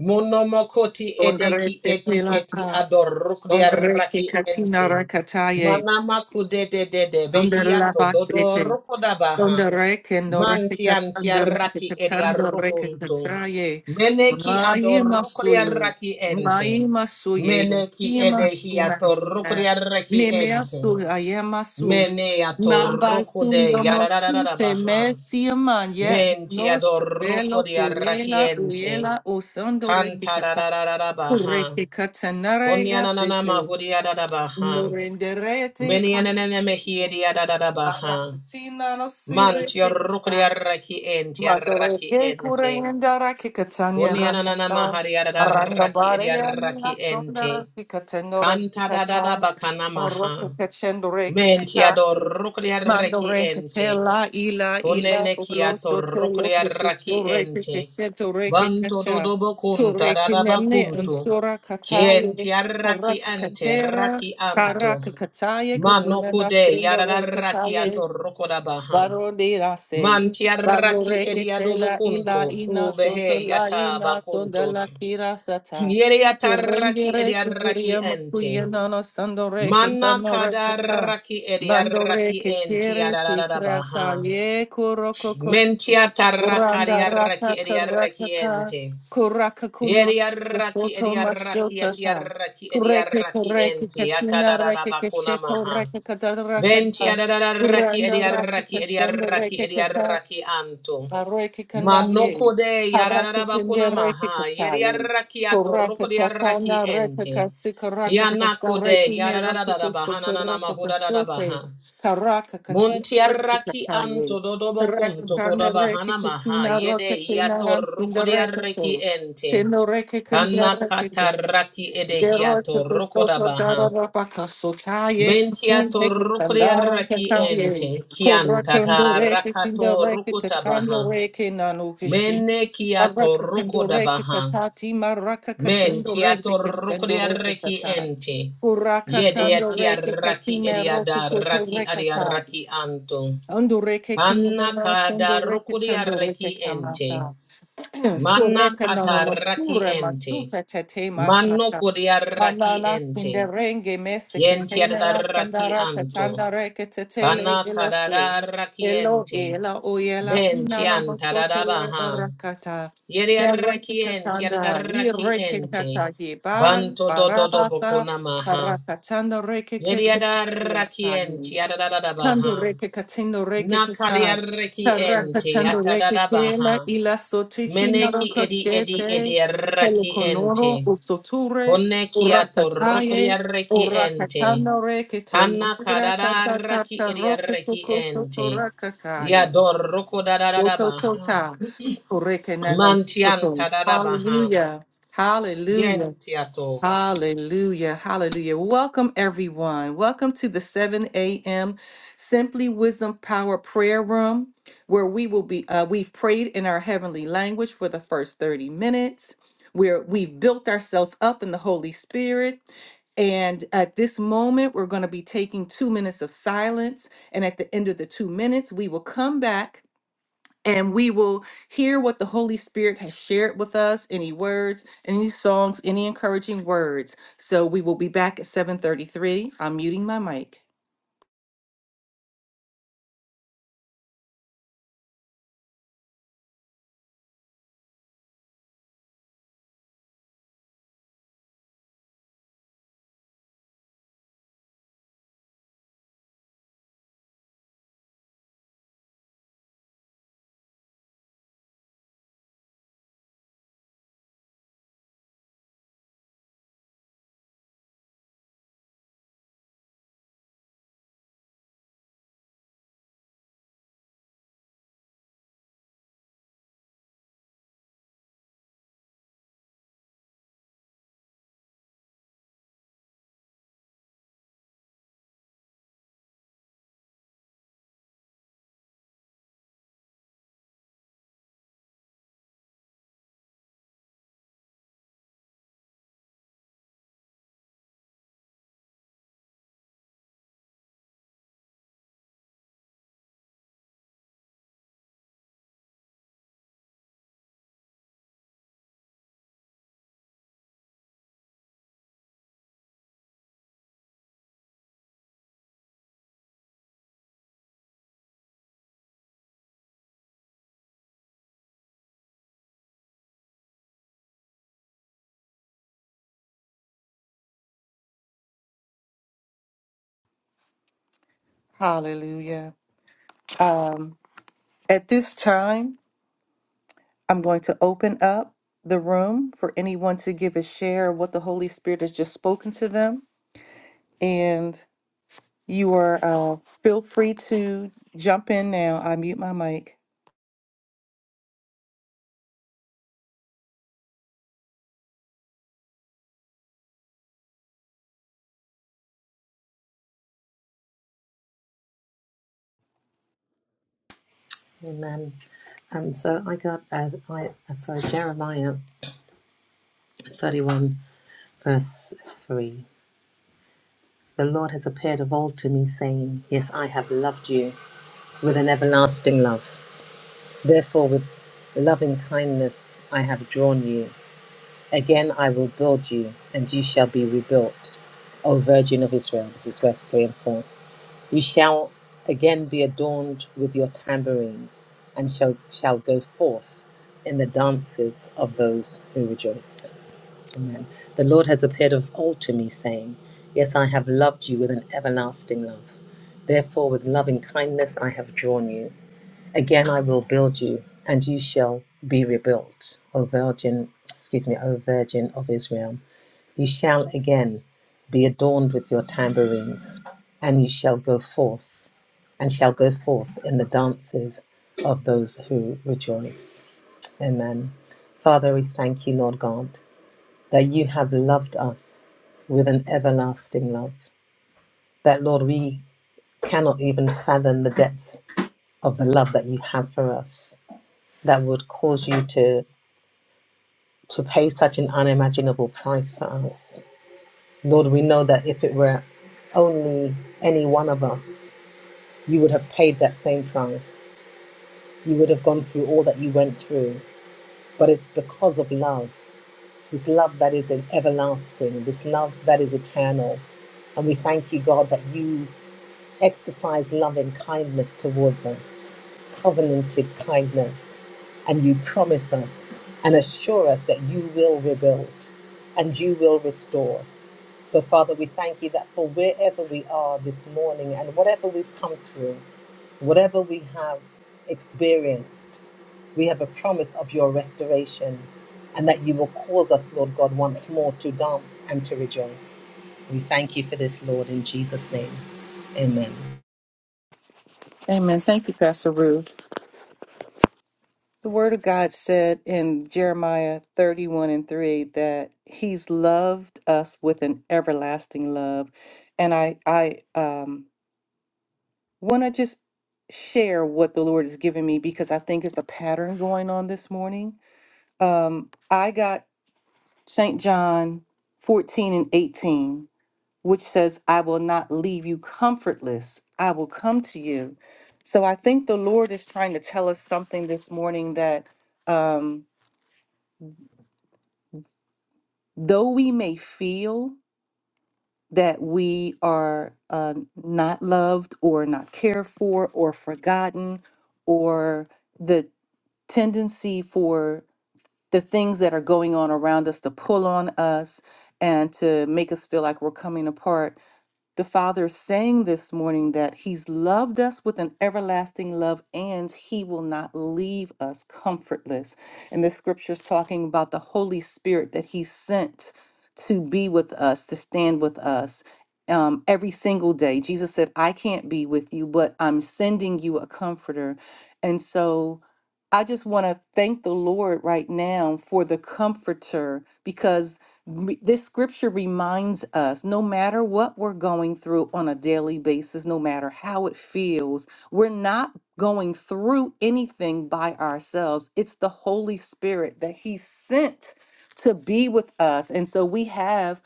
[SPEAKER 2] Monomokoti
[SPEAKER 1] Sondere
[SPEAKER 2] edeki eti
[SPEAKER 1] setela
[SPEAKER 2] eti
[SPEAKER 1] ka.
[SPEAKER 2] adorukdia
[SPEAKER 1] Sondere ke
[SPEAKER 2] raki
[SPEAKER 1] katina
[SPEAKER 2] ente.
[SPEAKER 1] rakataye.
[SPEAKER 2] Manamaku de de de de
[SPEAKER 1] Sundarla
[SPEAKER 2] behiato dodo
[SPEAKER 1] Basete,
[SPEAKER 2] rukodabaha.
[SPEAKER 1] Sundarek and Norekata
[SPEAKER 2] Mantiantia raki
[SPEAKER 1] Sundarekata
[SPEAKER 2] edia rukuntu.
[SPEAKER 1] Sundarekatasaye,
[SPEAKER 2] Meneki
[SPEAKER 1] Mayi
[SPEAKER 2] adorukdia
[SPEAKER 1] Masuye,
[SPEAKER 2] raki
[SPEAKER 1] Mayi
[SPEAKER 2] ente.
[SPEAKER 1] Masuye,
[SPEAKER 2] Meneki
[SPEAKER 1] Sima Shima
[SPEAKER 2] edehiato
[SPEAKER 1] Sina,
[SPEAKER 2] rukdia raki ente.
[SPEAKER 1] Nemeasu Ayamasu,
[SPEAKER 2] Mene ato
[SPEAKER 1] Namba
[SPEAKER 2] rukude
[SPEAKER 1] Sundamasute,
[SPEAKER 2] yarararabaha.
[SPEAKER 1] Messiaman, yet
[SPEAKER 2] Menti
[SPEAKER 1] no
[SPEAKER 2] adorruco
[SPEAKER 1] Shabelo
[SPEAKER 2] di
[SPEAKER 1] Kuyela,
[SPEAKER 2] arrachiente.
[SPEAKER 1] Uyela, O
[SPEAKER 2] Canta da
[SPEAKER 1] Sundarekata,
[SPEAKER 2] da da da da baha.
[SPEAKER 1] Kurekata Naraya
[SPEAKER 2] Onyanananama
[SPEAKER 1] Sete,
[SPEAKER 2] hudia da da baha.
[SPEAKER 1] Norenderete.
[SPEAKER 2] Menianene mehiedia da da da baha.
[SPEAKER 1] Argentina, no Syria,
[SPEAKER 2] Manti orruco di
[SPEAKER 1] Pakistan.
[SPEAKER 2] arrachiente,
[SPEAKER 1] Madure ke kure
[SPEAKER 2] arrachiente.
[SPEAKER 1] indara kikatanya
[SPEAKER 2] Onyanananama
[SPEAKER 1] manasa.
[SPEAKER 2] haria da da
[SPEAKER 1] Aranda
[SPEAKER 2] raki
[SPEAKER 1] bare
[SPEAKER 2] di
[SPEAKER 1] yana
[SPEAKER 2] arrachiente.
[SPEAKER 1] sondara kikatendore
[SPEAKER 2] Canta da da da
[SPEAKER 1] kikatan.
[SPEAKER 2] bacana
[SPEAKER 1] Oro
[SPEAKER 2] maha.
[SPEAKER 1] kikatendore
[SPEAKER 2] Menti
[SPEAKER 1] kikatan.
[SPEAKER 2] adorruco di
[SPEAKER 1] Mandore
[SPEAKER 2] arrachiente.
[SPEAKER 1] katela ila
[SPEAKER 2] Kone
[SPEAKER 1] ila
[SPEAKER 2] ne
[SPEAKER 1] olo
[SPEAKER 2] kiato
[SPEAKER 1] soto lo
[SPEAKER 2] rokria raki
[SPEAKER 1] kusure
[SPEAKER 2] ente.
[SPEAKER 1] kikatendore
[SPEAKER 2] Banto
[SPEAKER 1] kikatan.
[SPEAKER 2] dodobo kunta
[SPEAKER 1] Ture
[SPEAKER 2] dadaba
[SPEAKER 1] kinene
[SPEAKER 2] kuntu.
[SPEAKER 1] unsura
[SPEAKER 2] Kienti
[SPEAKER 1] katale.
[SPEAKER 2] arraki
[SPEAKER 1] Karak
[SPEAKER 2] ante
[SPEAKER 1] katera.
[SPEAKER 2] raki amto
[SPEAKER 1] Karak kataye
[SPEAKER 2] Manoku
[SPEAKER 1] kutulena
[SPEAKER 2] de yarara
[SPEAKER 1] sindore
[SPEAKER 2] raki
[SPEAKER 1] kataye.
[SPEAKER 2] ato rokodabaha.
[SPEAKER 1] Paro de la se.
[SPEAKER 2] Manti
[SPEAKER 1] Paro
[SPEAKER 2] arraki
[SPEAKER 1] requete
[SPEAKER 2] ediadobo
[SPEAKER 1] la
[SPEAKER 2] kunto.
[SPEAKER 1] ila ina
[SPEAKER 2] Ubehe
[SPEAKER 1] soto la
[SPEAKER 2] yata
[SPEAKER 1] ina sonda
[SPEAKER 2] bakunto.
[SPEAKER 1] la kira sata.
[SPEAKER 2] Yere yata raki
[SPEAKER 1] Irenge
[SPEAKER 2] ediarraki
[SPEAKER 1] requeteria
[SPEAKER 2] ente.
[SPEAKER 1] makuyena no sando requeta
[SPEAKER 2] Mana
[SPEAKER 1] no
[SPEAKER 2] kada
[SPEAKER 1] requeta.
[SPEAKER 2] raki
[SPEAKER 1] Mando
[SPEAKER 2] ediarraki enti
[SPEAKER 1] requetere
[SPEAKER 2] yarada
[SPEAKER 1] tikrata
[SPEAKER 2] baha.
[SPEAKER 1] ye kuroko koko.
[SPEAKER 2] Mentia tarracari
[SPEAKER 1] Uranda
[SPEAKER 2] arraki
[SPEAKER 1] rata
[SPEAKER 2] edi arraki
[SPEAKER 1] karataka.
[SPEAKER 2] ente.
[SPEAKER 1] Kuraka kuno
[SPEAKER 2] Yeri arraki
[SPEAKER 1] soto
[SPEAKER 2] edi arraki
[SPEAKER 1] mashota
[SPEAKER 2] ati
[SPEAKER 1] ta.
[SPEAKER 2] arraki edi
[SPEAKER 1] Kureke to
[SPEAKER 2] arraki
[SPEAKER 1] reke
[SPEAKER 2] ente.
[SPEAKER 1] katina
[SPEAKER 2] Atadadada
[SPEAKER 1] reke
[SPEAKER 2] bakuna
[SPEAKER 1] kesheto
[SPEAKER 2] maha.
[SPEAKER 1] reke kadara
[SPEAKER 2] Bentia dadaraki
[SPEAKER 1] Randa
[SPEAKER 2] edi
[SPEAKER 1] rata
[SPEAKER 2] arraki edi
[SPEAKER 1] kashanda reke kata,
[SPEAKER 2] anto.
[SPEAKER 1] areke kandaye,
[SPEAKER 2] Manoko de
[SPEAKER 1] harake
[SPEAKER 2] yararara
[SPEAKER 1] kende reke
[SPEAKER 2] maha. Yeri
[SPEAKER 1] kataye,
[SPEAKER 2] arraki ato
[SPEAKER 1] koraka
[SPEAKER 2] roko di
[SPEAKER 1] tatana reke
[SPEAKER 2] ente.
[SPEAKER 1] kasi karaka kasa
[SPEAKER 2] Yanako
[SPEAKER 1] reke
[SPEAKER 2] de
[SPEAKER 1] me raka
[SPEAKER 2] yararara
[SPEAKER 1] kuso
[SPEAKER 2] bahana nana
[SPEAKER 1] koraka kasote, karaka katina reke
[SPEAKER 2] Muntiarraki
[SPEAKER 1] kataye,
[SPEAKER 2] anto dodobo
[SPEAKER 1] karaka
[SPEAKER 2] kunto
[SPEAKER 1] kanda
[SPEAKER 2] kodaba
[SPEAKER 1] reke
[SPEAKER 2] hana maha
[SPEAKER 1] katina raka
[SPEAKER 2] yede
[SPEAKER 1] tina
[SPEAKER 2] hiato
[SPEAKER 1] ransinda reke
[SPEAKER 2] rukodiarreki
[SPEAKER 1] te,
[SPEAKER 2] ente.
[SPEAKER 1] teno reke kanda
[SPEAKER 2] Kana
[SPEAKER 1] reke
[SPEAKER 2] katarraki ede
[SPEAKER 1] Zero to
[SPEAKER 2] hiato
[SPEAKER 1] the soto
[SPEAKER 2] rukodaba
[SPEAKER 1] dada
[SPEAKER 2] ha.
[SPEAKER 1] rapa kasotaye kasune
[SPEAKER 2] Mentiato
[SPEAKER 1] katandara
[SPEAKER 2] rukodiarreki
[SPEAKER 1] kataye
[SPEAKER 2] ente. Kianta
[SPEAKER 1] korakando reke tinda
[SPEAKER 2] tarakato
[SPEAKER 1] reke
[SPEAKER 2] rukotaba
[SPEAKER 1] katando
[SPEAKER 2] ha.
[SPEAKER 1] reke nano kishi
[SPEAKER 2] Mene kiato
[SPEAKER 1] araka kando
[SPEAKER 2] rukodaba
[SPEAKER 1] reke
[SPEAKER 2] ha.
[SPEAKER 1] katati maraka katando reke
[SPEAKER 2] Mentiato
[SPEAKER 1] kasendo reke
[SPEAKER 2] rukodiarreki
[SPEAKER 1] kata
[SPEAKER 2] ente.
[SPEAKER 1] kuraka
[SPEAKER 2] Yede
[SPEAKER 1] kando reke
[SPEAKER 2] yatiarraki
[SPEAKER 1] katime roko
[SPEAKER 2] eriada
[SPEAKER 1] koto
[SPEAKER 2] raki
[SPEAKER 1] reke kata
[SPEAKER 2] adiarraki anto.
[SPEAKER 1] ando reke kinina
[SPEAKER 2] Kanna
[SPEAKER 1] na sendo
[SPEAKER 2] kada
[SPEAKER 1] reke
[SPEAKER 2] rukuria
[SPEAKER 1] tando reke
[SPEAKER 2] reki ente.
[SPEAKER 1] tamasa
[SPEAKER 2] Manna
[SPEAKER 1] Surekana
[SPEAKER 2] kata raki
[SPEAKER 1] masure
[SPEAKER 2] ente.
[SPEAKER 1] masuta tete
[SPEAKER 2] Manno
[SPEAKER 1] masata.
[SPEAKER 2] kuria raki
[SPEAKER 1] Manana
[SPEAKER 2] ente.
[SPEAKER 1] sinderenge mese
[SPEAKER 2] Kienti adada
[SPEAKER 1] ketena
[SPEAKER 2] raki
[SPEAKER 1] sandara
[SPEAKER 2] anto.
[SPEAKER 1] katanda reke tetele
[SPEAKER 2] Kana
[SPEAKER 1] elose.
[SPEAKER 2] kadada raki
[SPEAKER 1] Elo
[SPEAKER 2] ente.
[SPEAKER 1] ela oyela
[SPEAKER 2] Benti
[SPEAKER 1] inana
[SPEAKER 2] antadada
[SPEAKER 1] masotele
[SPEAKER 2] baha.
[SPEAKER 1] rakata.
[SPEAKER 2] Yeri
[SPEAKER 1] Mereke
[SPEAKER 2] reki enti adada
[SPEAKER 1] katanda
[SPEAKER 2] raki
[SPEAKER 1] ireke
[SPEAKER 2] ente.
[SPEAKER 1] kata ye bara
[SPEAKER 2] Banto do do doboko
[SPEAKER 1] barabasa.
[SPEAKER 2] namaha.
[SPEAKER 1] Parakatanda reke
[SPEAKER 2] Yeri adada raki enti adada
[SPEAKER 1] Kando
[SPEAKER 2] baha.
[SPEAKER 1] reke katendo reke
[SPEAKER 2] Nakaria
[SPEAKER 1] kata.
[SPEAKER 2] reki
[SPEAKER 1] Karaka
[SPEAKER 2] ente
[SPEAKER 1] tando reke
[SPEAKER 2] atadada
[SPEAKER 1] kela
[SPEAKER 2] baha.
[SPEAKER 1] ila sotichi naro
[SPEAKER 2] Meneki edi edi
[SPEAKER 1] koshete.
[SPEAKER 2] edi arraki ente.
[SPEAKER 1] Telokonoro usoture
[SPEAKER 2] Kone ki atorokori
[SPEAKER 1] urakataye
[SPEAKER 2] arraki ente.
[SPEAKER 1] urakatano reke
[SPEAKER 2] Kana
[SPEAKER 1] telefira
[SPEAKER 2] karara
[SPEAKER 1] tatata
[SPEAKER 2] arraki edi
[SPEAKER 1] karoke
[SPEAKER 2] arraki
[SPEAKER 1] kukoso
[SPEAKER 2] ente.
[SPEAKER 1] urakakaye.
[SPEAKER 2] Yadoroko dadada
[SPEAKER 1] Soto
[SPEAKER 2] baha.
[SPEAKER 1] tota. Koreke nano
[SPEAKER 2] Mantian
[SPEAKER 1] soto.
[SPEAKER 2] tadada baha.
[SPEAKER 1] Hallelujah. Hallelujah.
[SPEAKER 2] Yentiato.
[SPEAKER 1] Hallelujah. Hallelujah. Welcome, everyone. Welcome to the 7 a.m. Simply Wisdom Power Prayer Room, where we will be, uh, we've prayed in our heavenly language for the first 30 minutes, where we've built ourselves up in the Holy Spirit. And at this moment, we're going to be taking two minutes of silence. And at the end of the two minutes, we will come back and we will hear what the Holy Spirit has shared with us, any words, any songs, any encouraging words. So we will be back at 7:33. I'm muting my mic. Hallelujah. Um, at this time, I'm going to open up the room for anyone to give a share of what the Holy Spirit has just spoken to them. And you are uh, feel free to jump in now. I mute my mic.
[SPEAKER 2] Amen. And so I got, uh, I, uh, sorry, Jeremiah 31, verse 3. The Lord has appeared of old to me, saying, Yes, I have loved you with an everlasting love. Therefore, with loving kindness I have drawn you. Again I will build you, and you shall be rebuilt. O Virgin of Israel, this is verse 3 and 4. You shall again be adorned with your tambourines, and shall, shall go forth in the dances of those who rejoice. Amen. The Lord has appeared of old to me, saying, Yes, I have loved you with an everlasting love. Therefore, with loving kindness I have drawn you. Again, I will build you, and you shall be rebuilt, O Virgin, excuse me, O Virgin of Israel. You shall again be adorned with your tambourines, and you shall go forth, and shall go forth in the dances of those who rejoice. Amen. Father, we thank you, Lord God, that you have loved us with an everlasting love. That, Lord, we cannot even fathom the depths of the love that you have for us that would cause you to to pay such an unimaginable price for us. Lord, we know that if it were only any one of us, you would have paid that same price. You would have gone through all that you went through. But it's because of love, this love that is everlasting, this love that is eternal. And we thank you, God, that you exercise love and kindness towards us, covenanted kindness, and you promise us and assure us that you will rebuild and you will restore. So, Father, we thank you that for wherever we are this morning and whatever we've come through, whatever we have experienced, we have a promise of your restoration and that you will cause us, Lord God, once more to dance and to rejoice. We thank you for this, Lord, in Jesus' name. Amen.
[SPEAKER 1] Amen. Thank you, Pastor Ruth. The Word of God said in Jeremiah 31 and 3 that He's loved us with an everlasting love. And I, I um, want to just share what the Lord has given me because I think it's a pattern going on this morning. Um, I got St. John 14 and 18, which says, I will not leave you comfortless, I will come to you. So I think the Lord is trying to tell us something this morning that. Um, though we may feel that we are uh, not loved or not cared for or forgotten, or the tendency for the things that are going on around us to pull on us and to make us feel like we're coming apart, the Father saying this morning that He's loved us with an everlasting love and He will not leave us comfortless. And this scripture is talking about the Holy Spirit that He sent to be with us, to stand with us. Um, every single day, Jesus said, I can't be with you, but I'm sending you a comforter. And so I just want to thank the Lord right now for the comforter because re- this scripture reminds us no matter what we're going through on a daily basis, no matter how it feels, we're not going through anything by ourselves. It's the Holy Spirit that He sent to be with us. And so we have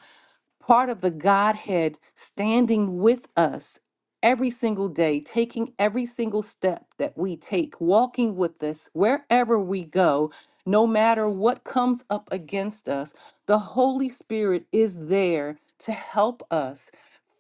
[SPEAKER 1] part of the Godhead standing with us every single day, taking every single step that we take, walking with us wherever we go, no matter what comes up against us. The Holy Spirit is there to help us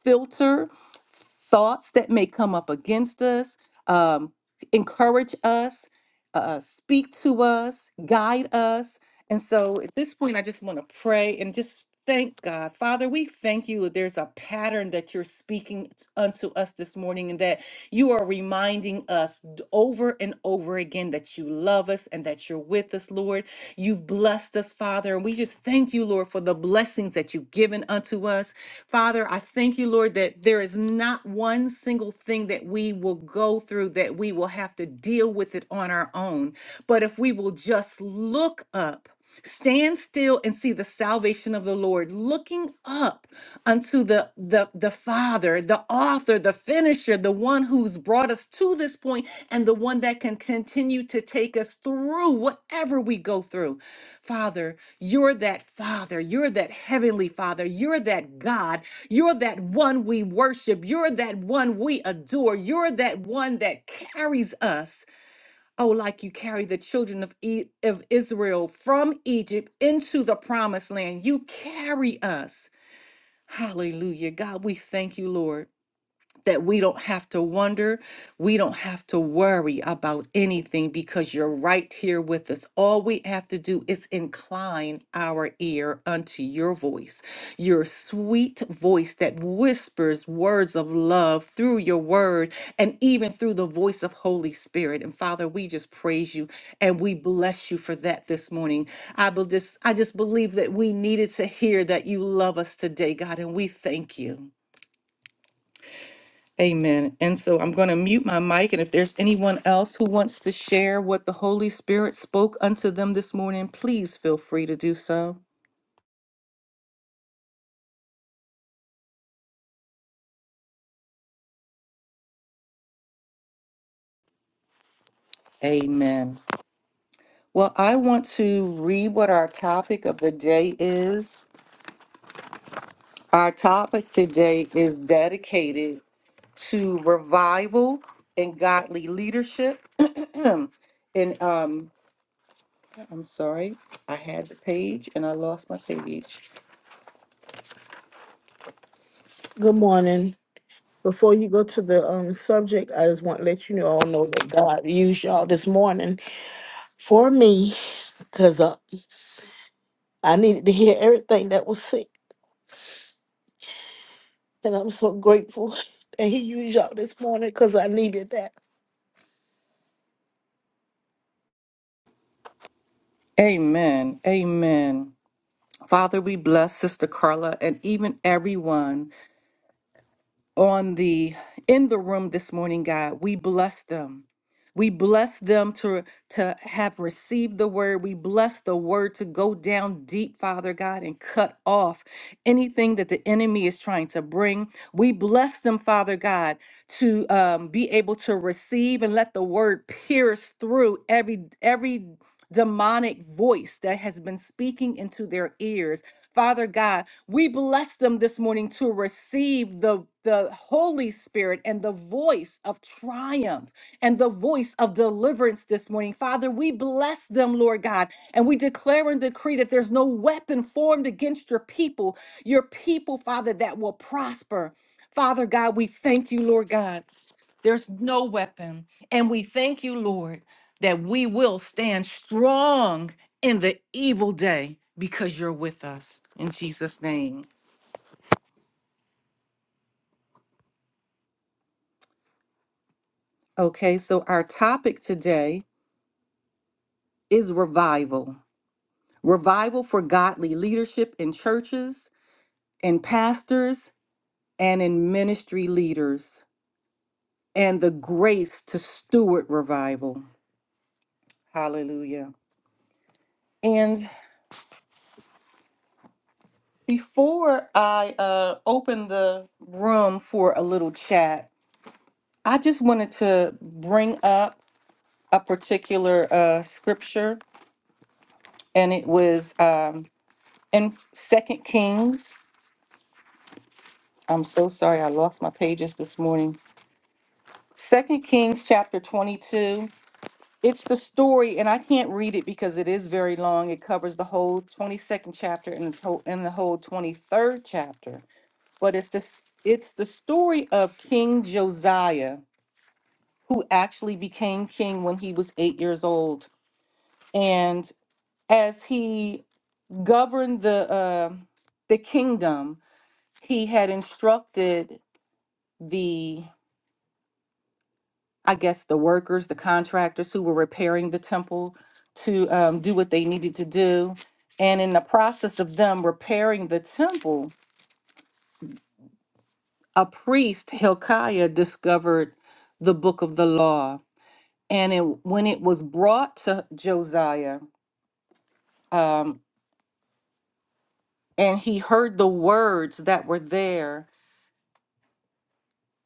[SPEAKER 1] filter thoughts that may come up against us, um, encourage us uh, speak to us, guide us. And so at this point, I just want to pray and just thank God. Father, we thank you that there's a pattern that you're speaking unto us this morning and that you are reminding us d- over and over again that you love us and that you're with us, Lord. You've blessed us, Father. And we just thank you, Lord, for the blessings that you've given unto us. Father, I thank you, Lord, that there is not one single thing that we will go through that we will have to deal with it it on our own. But if we will just look up, stand still and see the salvation of the Lord, looking up unto the, the, the Father, the author, the finisher, the one who's brought us to this point, and the one that can continue to take us through whatever we go through. Father, you're that Father. You're that Heavenly Father. You're that God. You're that one we worship. You're that one we adore. You're that one that carries us. Oh, like you carried the children of, e- of Israel from Egypt into the promised land. You carry us. Hallelujah. God, we thank you, Lord that we don't have to wonder, we don't have to worry about anything because you're right here with us. All we have to do is incline our ear unto your voice, your sweet voice that whispers words of love through your word and even through the voice of Holy Spirit. And Father, we just praise you and we bless you for that this morning. I will just I just believe that we needed to hear that you love us today, God, and we thank you. Amen. And so I'm going to mute my mic. And if there's anyone else who wants to share what the Holy Spirit spoke unto them this morning, please feel free to do so. Amen. Well, I want to read what our topic of the day is. Our topic today is dedicated to revival and godly leadership. and um, I'm sorry, I had the page and I lost my page.
[SPEAKER 3] Good morning. Before you go to the um, subject, I just want to let you know, all know that God used y'all this morning for me because uh, I needed to hear everything that was said. And I'm so grateful that He used y'all this morning because I needed that.
[SPEAKER 1] Amen. Amen. Father, we bless Sister Carla and even everyone on the in the room this morning, God. We bless them. We bless them to to have received the word. We bless the word to go down deep, Father God, and cut off anything that the enemy is trying to bring. We bless them, Father God, to um, be able to receive and let the word pierce through every every demonic voice that has been speaking into their ears Father God, we bless them this morning to receive the the Holy Spirit and the voice of triumph and the voice of deliverance this morning. Father, we bless them, Lord God, and we declare and decree that there's no weapon formed against your people, your people, Father, that will prosper. Father God, we thank you, Lord God. There's no weapon. And we thank you, Lord, that we will stand strong in the evil day because you're with us. In Jesus' name. Okay, so our topic today is revival revival for godly leadership in churches, in pastors, and in ministry leaders, and the grace to steward revival. Hallelujah. And. Before I uh, open the room for a little chat, I just wanted to bring up a particular uh, scripture, and it was um, in Second Kings. I'm so sorry, I lost my pages this morning. Second Kings chapter 22. It's the story, and I can't read it because it is very long. It covers the whole 22nd chapter and the whole, and the whole 23rd chapter. But it's this. It's the story of King Josiah who actually became king when he was eight years old. And as he governed the uh, the kingdom, he had instructed the I guess the workers, the contractors who were repairing the temple to um, do what they needed to do. And in the process of them repairing the temple, a priest, Hilkiah, discovered the book of the law. And it, when it was brought to Josiah, um, and he heard the words that were there.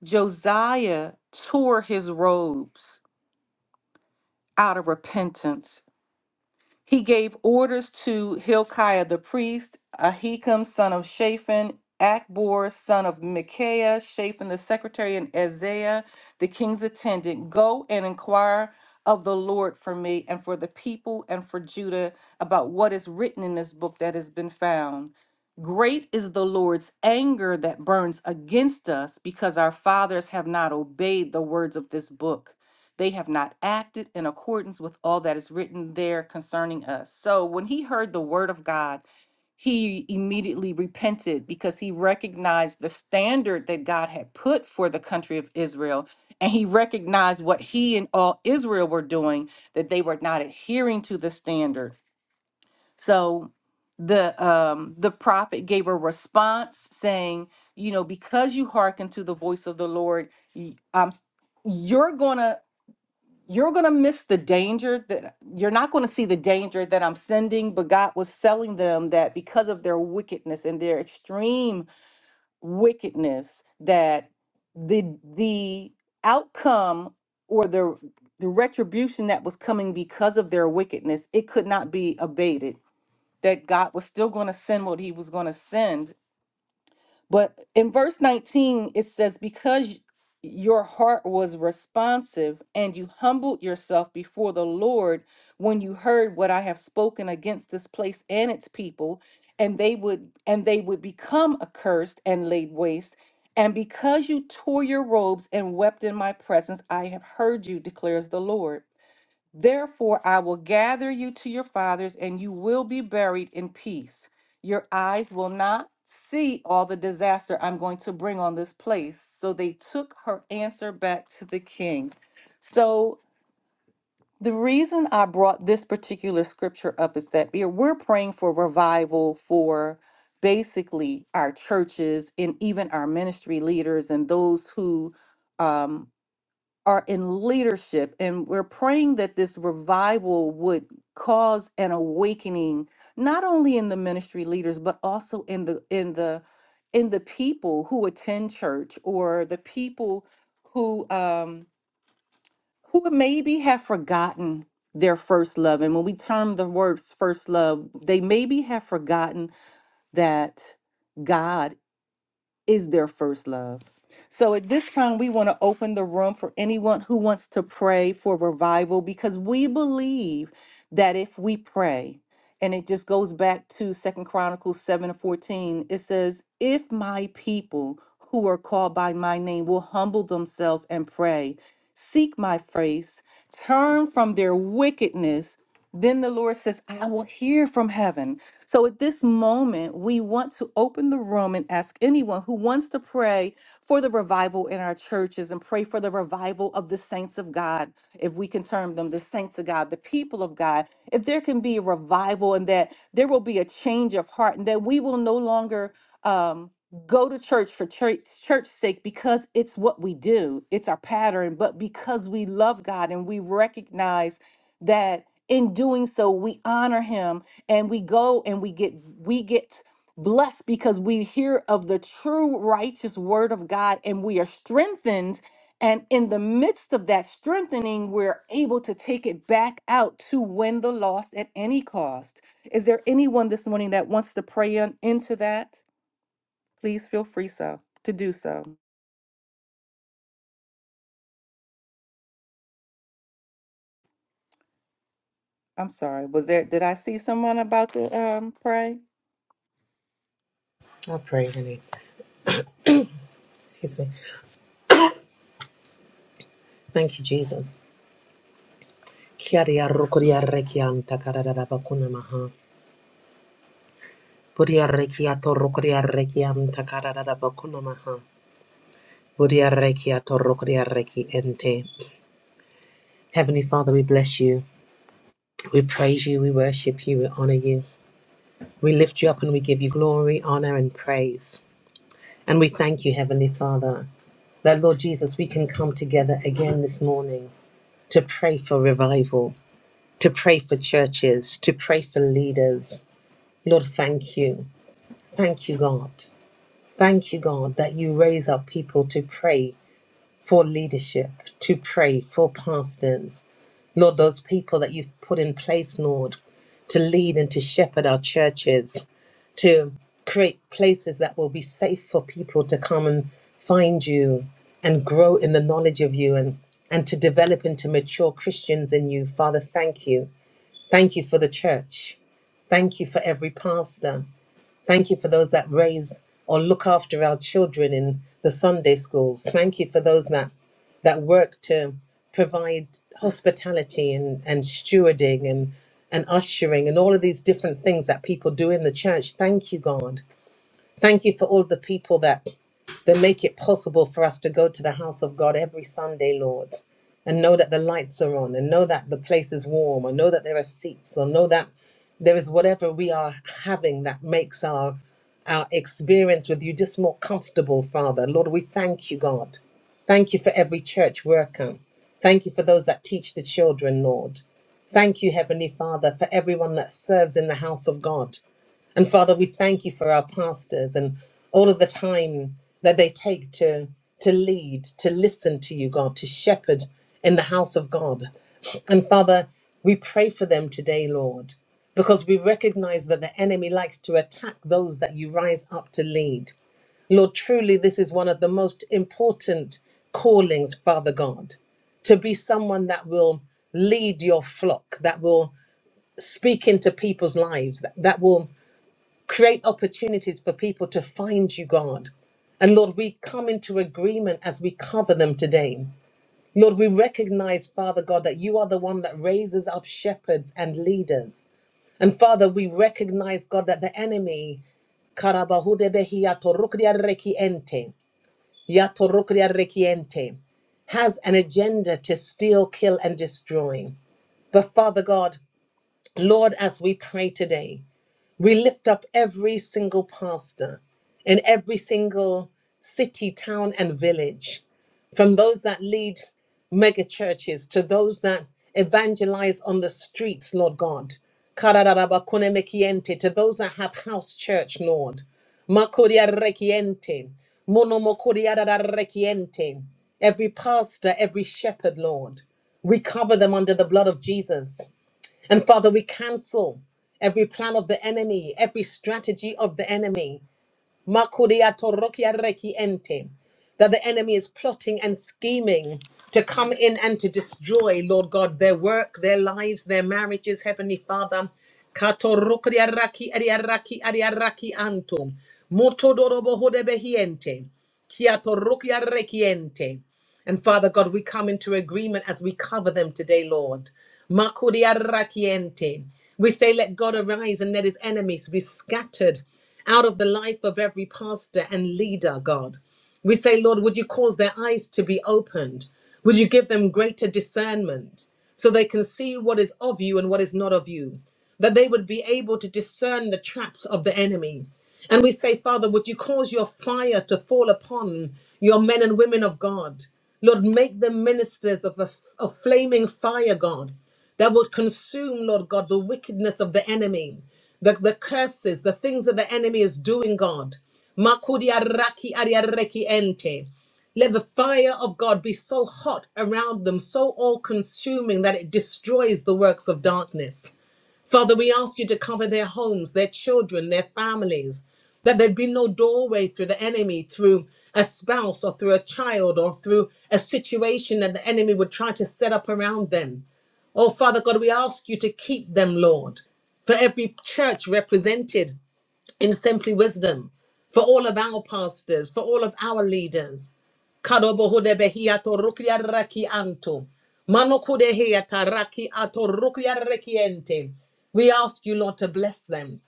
[SPEAKER 1] Josiah tore his robes out of repentance He gave orders to Hilkiah the priest, Ahikam son of Shaphan, Akbor son of Micaiah, Shaphan the secretary, and Isaiah the king's attendant, go and inquire of the Lord for me and for the people and for Judah about what is written in this book that has been found. Great is the Lord's anger that burns against us because our fathers have not obeyed the words of this book. They have not acted in accordance with all that is written there concerning us. So when he heard the word of God, he immediately repented because he recognized the standard that God had put for the country of Israel. And he recognized what he and all Israel were doing, that they were not adhering to the standard. So the um the prophet gave a response saying, you know, because you hearken to the voice of the Lord, y- I'm you're gonna you're going to miss the danger that you're not going to see the danger that I'm sending, but God was selling them that because of their wickedness and their extreme wickedness, that the the outcome or the the retribution that was coming because of their wickedness, it could not be abated. That God was still going to send what he was going to send but in verse 19, it says, Because your heart was responsive and you humbled yourself before the Lord when you heard what I have spoken against this place and its people and they would and they would become accursed and laid waste and because you tore your robes and wept in my presence I have heard you declares the Lord Therefore, I will gather you to your fathers, and you will be buried in peace. Your eyes will not see all the disaster I'm going to bring on this place. So they took her answer back to the king. So the reason I brought this particular scripture up is that we're we're praying for revival for basically our churches and even our ministry leaders and those who um, are in leadership and we're praying that this revival would cause an awakening not only in the ministry leaders but also in the in the in the people who attend church or the people who um who maybe have forgotten their first love and when we term the words first love they maybe have forgotten that God is their first love. So at this time, we want to open the room for anyone who wants to pray for revival because we believe that if we pray, and it just goes back to Second Chronicles 7 and 14, it says, If my people who are called by my name will humble themselves and pray, seek my face, turn from their wickedness. Then the Lord says, I will hear from heaven. So at this moment, we want to open the room and ask anyone who wants to pray for the revival in our churches and pray for the revival of the saints of God, if we can term them the saints of God, the people of God. If there can be a revival and that there will be a change of heart and that we will no longer um, go to church for church church sake because it's what we do, it's our pattern, but because we love God and we recognize that in doing so we honor him and we go and we get we get blessed because we hear of the true righteous word of god and we are strengthened and in the midst of that strengthening we're able to take it back out to win the lost at any cost is there anyone this morning that wants to pray on, into that please feel free so to do so i'm sorry was there did i see someone about to um pray
[SPEAKER 2] I'll pray, in it. Excuse me. Thank you, Jesus. Kiaria rokoria rekiam takarada bakuna maha. Buria rekiato rokoria rekiam takarada bakuna maha. Buria rekiato rokoria reki ente. Heavenly Father, we bless you. We praise you. We worship you. We honor you. We lift you up and we give you glory, honor, and praise. And we thank you, Heavenly Father, that Lord Jesus, we can come together again this morning to pray for revival. to pray for churches, to pray for leaders. Lord, thank you. Thank you, God. Thank you, God, that you raise up people to pray for leadership, to pray for pastors. Lord, those people that you've put in place, Lord, to lead and to shepherd our churches, to create places that will be safe for people to come and find you and grow in the knowledge of you and, and to develop into mature Christians in you. Father, thank you. Thank you for the church. Thank you for every pastor. Thank you for those that raise or look after our children in the Sunday schools. Thank you for those that that work to provide hospitality and, and stewarding and, and ushering and all of these different things that people do in the church. Thank you, God. Thank you for all the people that that make it possible for us to go to the house of God every Sunday, Lord, and know that the lights are on, and know that the place is warm, and know that there are seats, or know that there is whatever we are having that makes our our experience with you just more comfortable, Father. Lord, we thank you, God. Thank you for every church worker. Thank you for those that teach the children, Lord. Thank you, Heavenly Father, for everyone that serves in the house of God. And Father, we thank you for our pastors and all of the time that they take to, to lead, to listen to you, God, to shepherd in the house of God. And Father, we pray for them today, Lord, because we recognize that the enemy likes to attack those that you rise up to lead. Lord, truly, this is one of the most important callings, Father God, to be someone that will lead your flock, that will speak into people's lives, that, that will create opportunities for people to find you, God. And Lord, we come into agreement as we cover them today. Lord, we recognize, Father God, that you are the one that raises up shepherds and leaders. And Father, we recognize, God, that the enemy Karabahudebehi yatorukria rekiente, yatorukria rekiente, has an agenda to steal, kill, and destroy. But Father God, Lord, as we pray today, we lift up every single pastor in every single city, town, and village, from those that lead mega churches to those that evangelize on the streets, Lord God. Karararabakunemekiente, To those that have house church, Lord. Makodiarekiente, monomokodiarararekiente. Every pastor, every shepherd, Lord. We cover them under the blood of Jesus. And Father, we cancel every plan of the enemy, every strategy of the enemy. Makuria torokia reki ente. That the enemy is plotting and scheming to come in and to destroy, Lord God, their work, their lives, their marriages, Heavenly Father. Katorokria raki aria raki aria raki anto. Motodorobo hodebehiente. Kia rekiente. And Father God, we come into agreement as we cover them today, Lord. Makuria rakiente. We say, let God arise and let his enemies be scattered out of the life of every pastor and leader, God. We say, Lord, would you cause their eyes to be opened? Would you give them greater discernment so they can see what is of you and what is not of you? that they would be able to discern the traps of the enemy. And we say, Father, would you cause your fire to fall upon your men and women of God? Lord, make them ministers of a of flaming fire, God, that would consume, Lord God, the wickedness of the enemy, the, the curses, the things that the enemy is doing, God. Makudiaraki ariareki ente. Let the fire of God be so hot around them, so all consuming that it destroys the works of darkness. Father, we ask you to cover their homes, their children, their families, that there'd be no doorway through the enemy, through a spouse or through a child or through a situation that the enemy would try to set up around them. Oh, Father God, we ask you to keep them, Lord, for every church represented in Simply Wisdom, for all of our pastors, for all of our leaders. Kadobohodebehiato rukyaraki anto. Manokudehiata raki ato rukyaraki ente. We ask you, Lord, to bless them.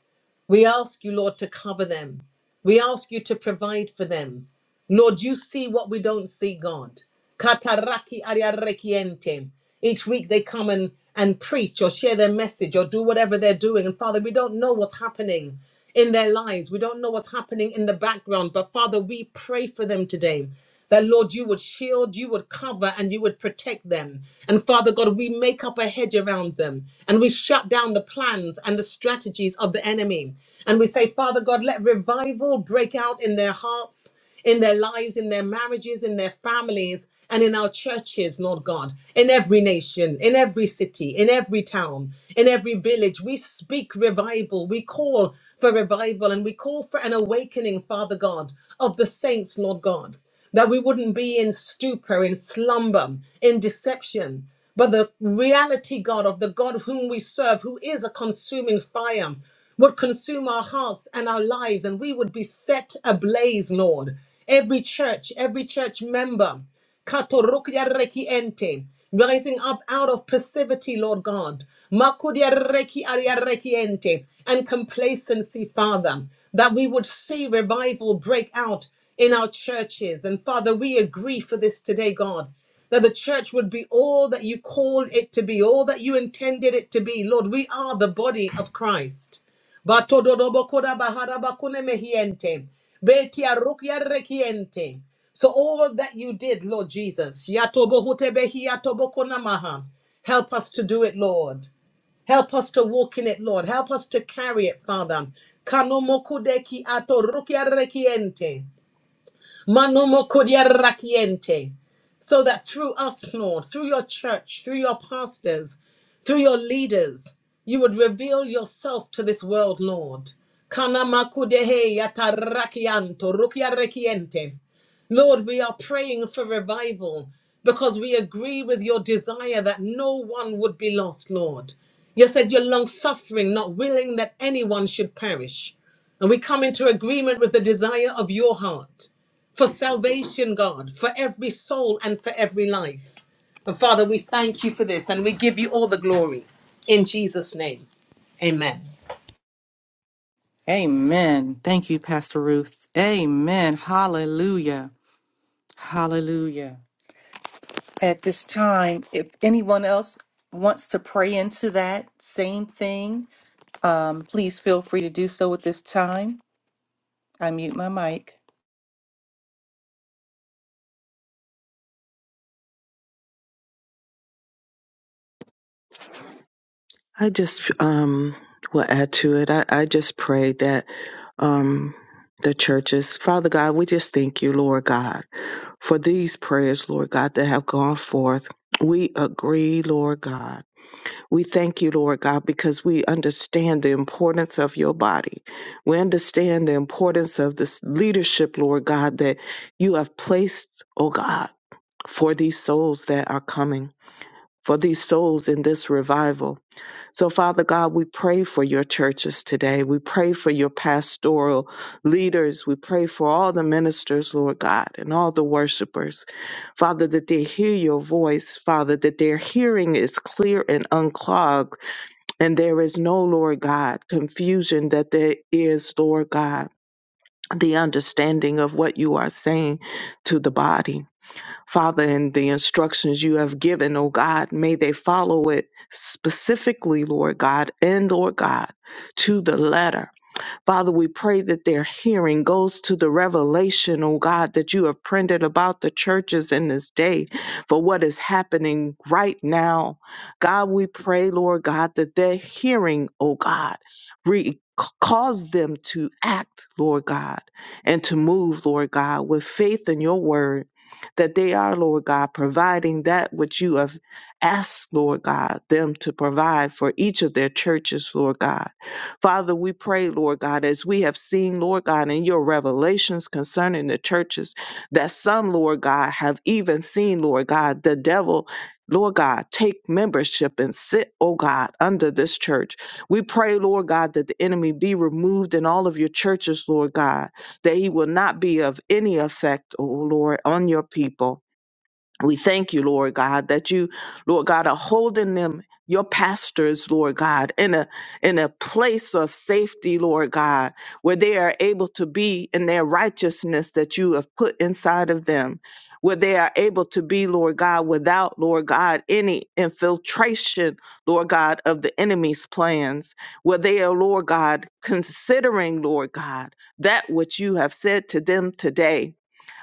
[SPEAKER 2] We ask you, Lord, to cover them. We ask you to provide for them. Lord, you see what we don't see, God. Kataraki ariarekiente. Each week they come and, and preach or share their message or do whatever they're doing. And Father, we don't know what's happening in their lives. We don't know what's happening in the background. But Father, we pray for them today that Lord, you would shield, you would cover, and you would protect them. And Father God, we make up a hedge around them and we shut down the plans and the strategies of the enemy. And we say, Father God, let revival break out in their hearts in their lives, in their marriages, in their families, and in our churches, Lord God, in every nation, in every city, in every town, in every village. We speak revival. We call for revival and we call for an awakening, Father God, of the saints, Lord God that we wouldn't be in stupor, in slumber, in deception. But the reality, God, of the God whom we serve, who is a consuming fire, would consume our hearts and our lives, and we would be set ablaze, Lord. Every church, every church member. Katorukya reki ente. Rising up out of passivity, Lord God. Makudya reki arya reki ente. And complacency, Father, that we would see revival break out in our churches. And Father, we agree for this today, God that the church would be all that you called it to be, all that you intended it to be. Lord, we are the body of Christ. Batododobokora baharabakune mehiente. Betia rukia rekiente. So all that you did, Lord Jesus, yatobohutebehiatobokonamaha. help us to do it, Lord. Help us to walk in it, Lord. Help us to carry it, Father. Kanomokudeki Manomo kodia rakiente. So that through us, Lord, through your church, through your pastors, through your leaders, you would reveal yourself to this world, Lord. Kanama kudehe yatarakianto rukia rekiente. Lord, we are praying for revival because we agree with your desire that no one would be lost, Lord. You said you're long suffering, not willing that anyone should perish. And we come into agreement with the desire of your heart for salvation, God, for every soul and for every life. And Father, we thank you for this and we give you all the glory in Jesus' name. Amen.
[SPEAKER 1] Amen. Thank you, Pastor Ruth. Amen. Hallelujah. Hallelujah. At this time, if anyone else wants to pray into that same thing, um, please feel free to do so at this time. I mute my mic.
[SPEAKER 4] I just um, will add to it. I, I just pray that um, the churches, Father God, we just thank you, Lord God, for these prayers, Lord God, that have gone forth. We agree, Lord God. We thank you, Lord God, because we understand the importance of your body. We understand the importance of this leadership, Lord God, that you have placed, oh God, for these souls that are coming, for these souls in this revival. So, Father God, we pray for your churches today. We pray for your pastoral leaders. We pray for all the ministers, Lord God, and all the worshipers. Father, that they hear your voice. Father, that their hearing is clear and unclogged. And there is no, Lord God, confusion that there is, Lord God, the understanding of what you are saying to the body. Father, and the instructions you have given, oh God, may they follow it specifically, Lord God, and Lord God, to the letter. Father, we pray that their hearing goes to the revelation, oh God, that you have printed about the churches in this day for what is happening right now. God, we pray, Lord God, that their hearing, oh God, re- cause them to act, Lord God, and to move, Lord God, with faith in your word. That they are, Lord God, providing that which you have asked, Lord God, them to provide for each of their churches, Lord God Father, we pray, Lord God, as we have seen, Lord God, in your revelations concerning the churches, that some, Lord God, have even seen, Lord God, the devil. Lord God, take membership and sit, oh God, under this church. We pray, Lord God, that the enemy be removed in all of your churches, Lord God, that he will not be of any effect, oh Lord, on your people. We thank you, Lord God, that you, Lord God, are holding them, your pastors, Lord God, in a in a place of safety, Lord God, where they are able to be in their righteousness that you have put inside of them. Where they are able to be, Lord God, without, Lord God, any infiltration, Lord God, of the enemy's plans. Where they are, Lord God, considering, Lord God, that which you have said to them today.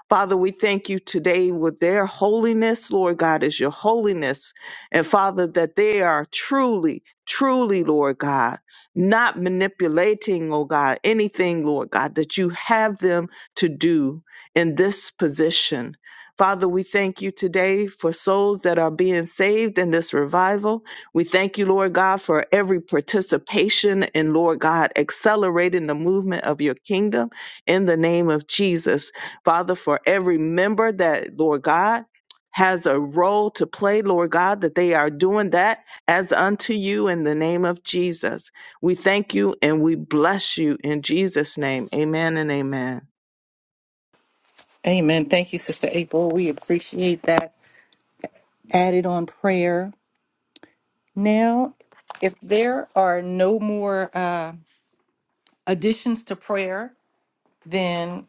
[SPEAKER 4] Father, we thank you today with their holiness, Lord God, is your holiness. And Father, that they are truly, truly, Lord God, not manipulating, oh God, anything, Lord God, that you have them to do in this position. Father, we thank you today for souls that are being saved in this revival. We thank you, Lord God, for every participation in, Lord God, accelerating the movement of your kingdom in the name of Jesus. Father, for every member that, Lord God, has a role to play, Lord God, that they are doing that as unto you in the name of Jesus. We thank you and we bless you in Jesus' name. Amen and amen.
[SPEAKER 1] Amen. Thank you, Sister April. We appreciate that added on prayer. Now, if there are no more uh, additions to prayer, then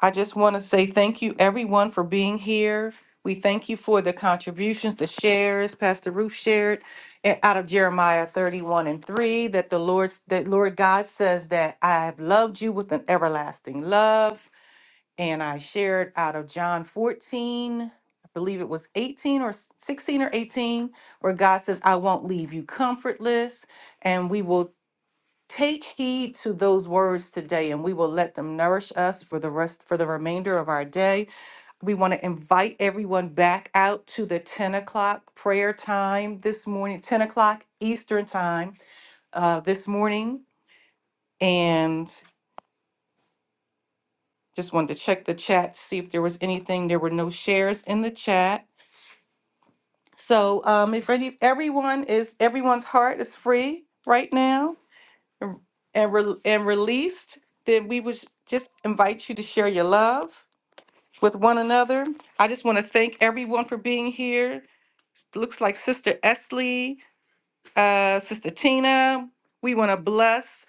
[SPEAKER 1] I just want to say thank you, everyone, for being here. We thank you for the contributions, the shares. Pastor Ruth shared eh, out of Jeremiah 31 and 3 that the Lord, that Lord God says that I have loved you with an everlasting love. And I shared out of John 14, I believe it was 18 or s- 16 or 18, where God says, I won't leave you comfortless. And we will Take heed to those words today, and we will let them nourish us for the rest for the remainder of our day. We want to invite everyone back out to the 10 o'clock prayer time this morning, 10 o'clock Eastern time uh, this morning. And just wanted to check the chat, see if there was anything. There were no shares in the chat. So um, if any, everyone is everyone's heart is free right now and re- and released, then we would just invite you to share your love with one another. I just want to thank everyone for being here. S- Looks like Sister Esley, uh, Sister Tina. We want to bless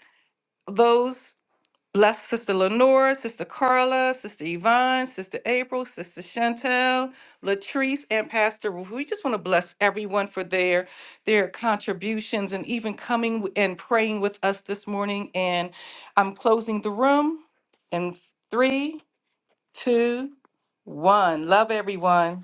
[SPEAKER 1] those. Bless Sister Lenora, Sister Carla, Sister Yvonne, Sister April, Sister Chantel, Latrice, and Pastor Ruth. We just want to bless everyone for their their contributions and even coming w- and praying with us this morning. And I'm closing the room in three, two, one. Love everyone.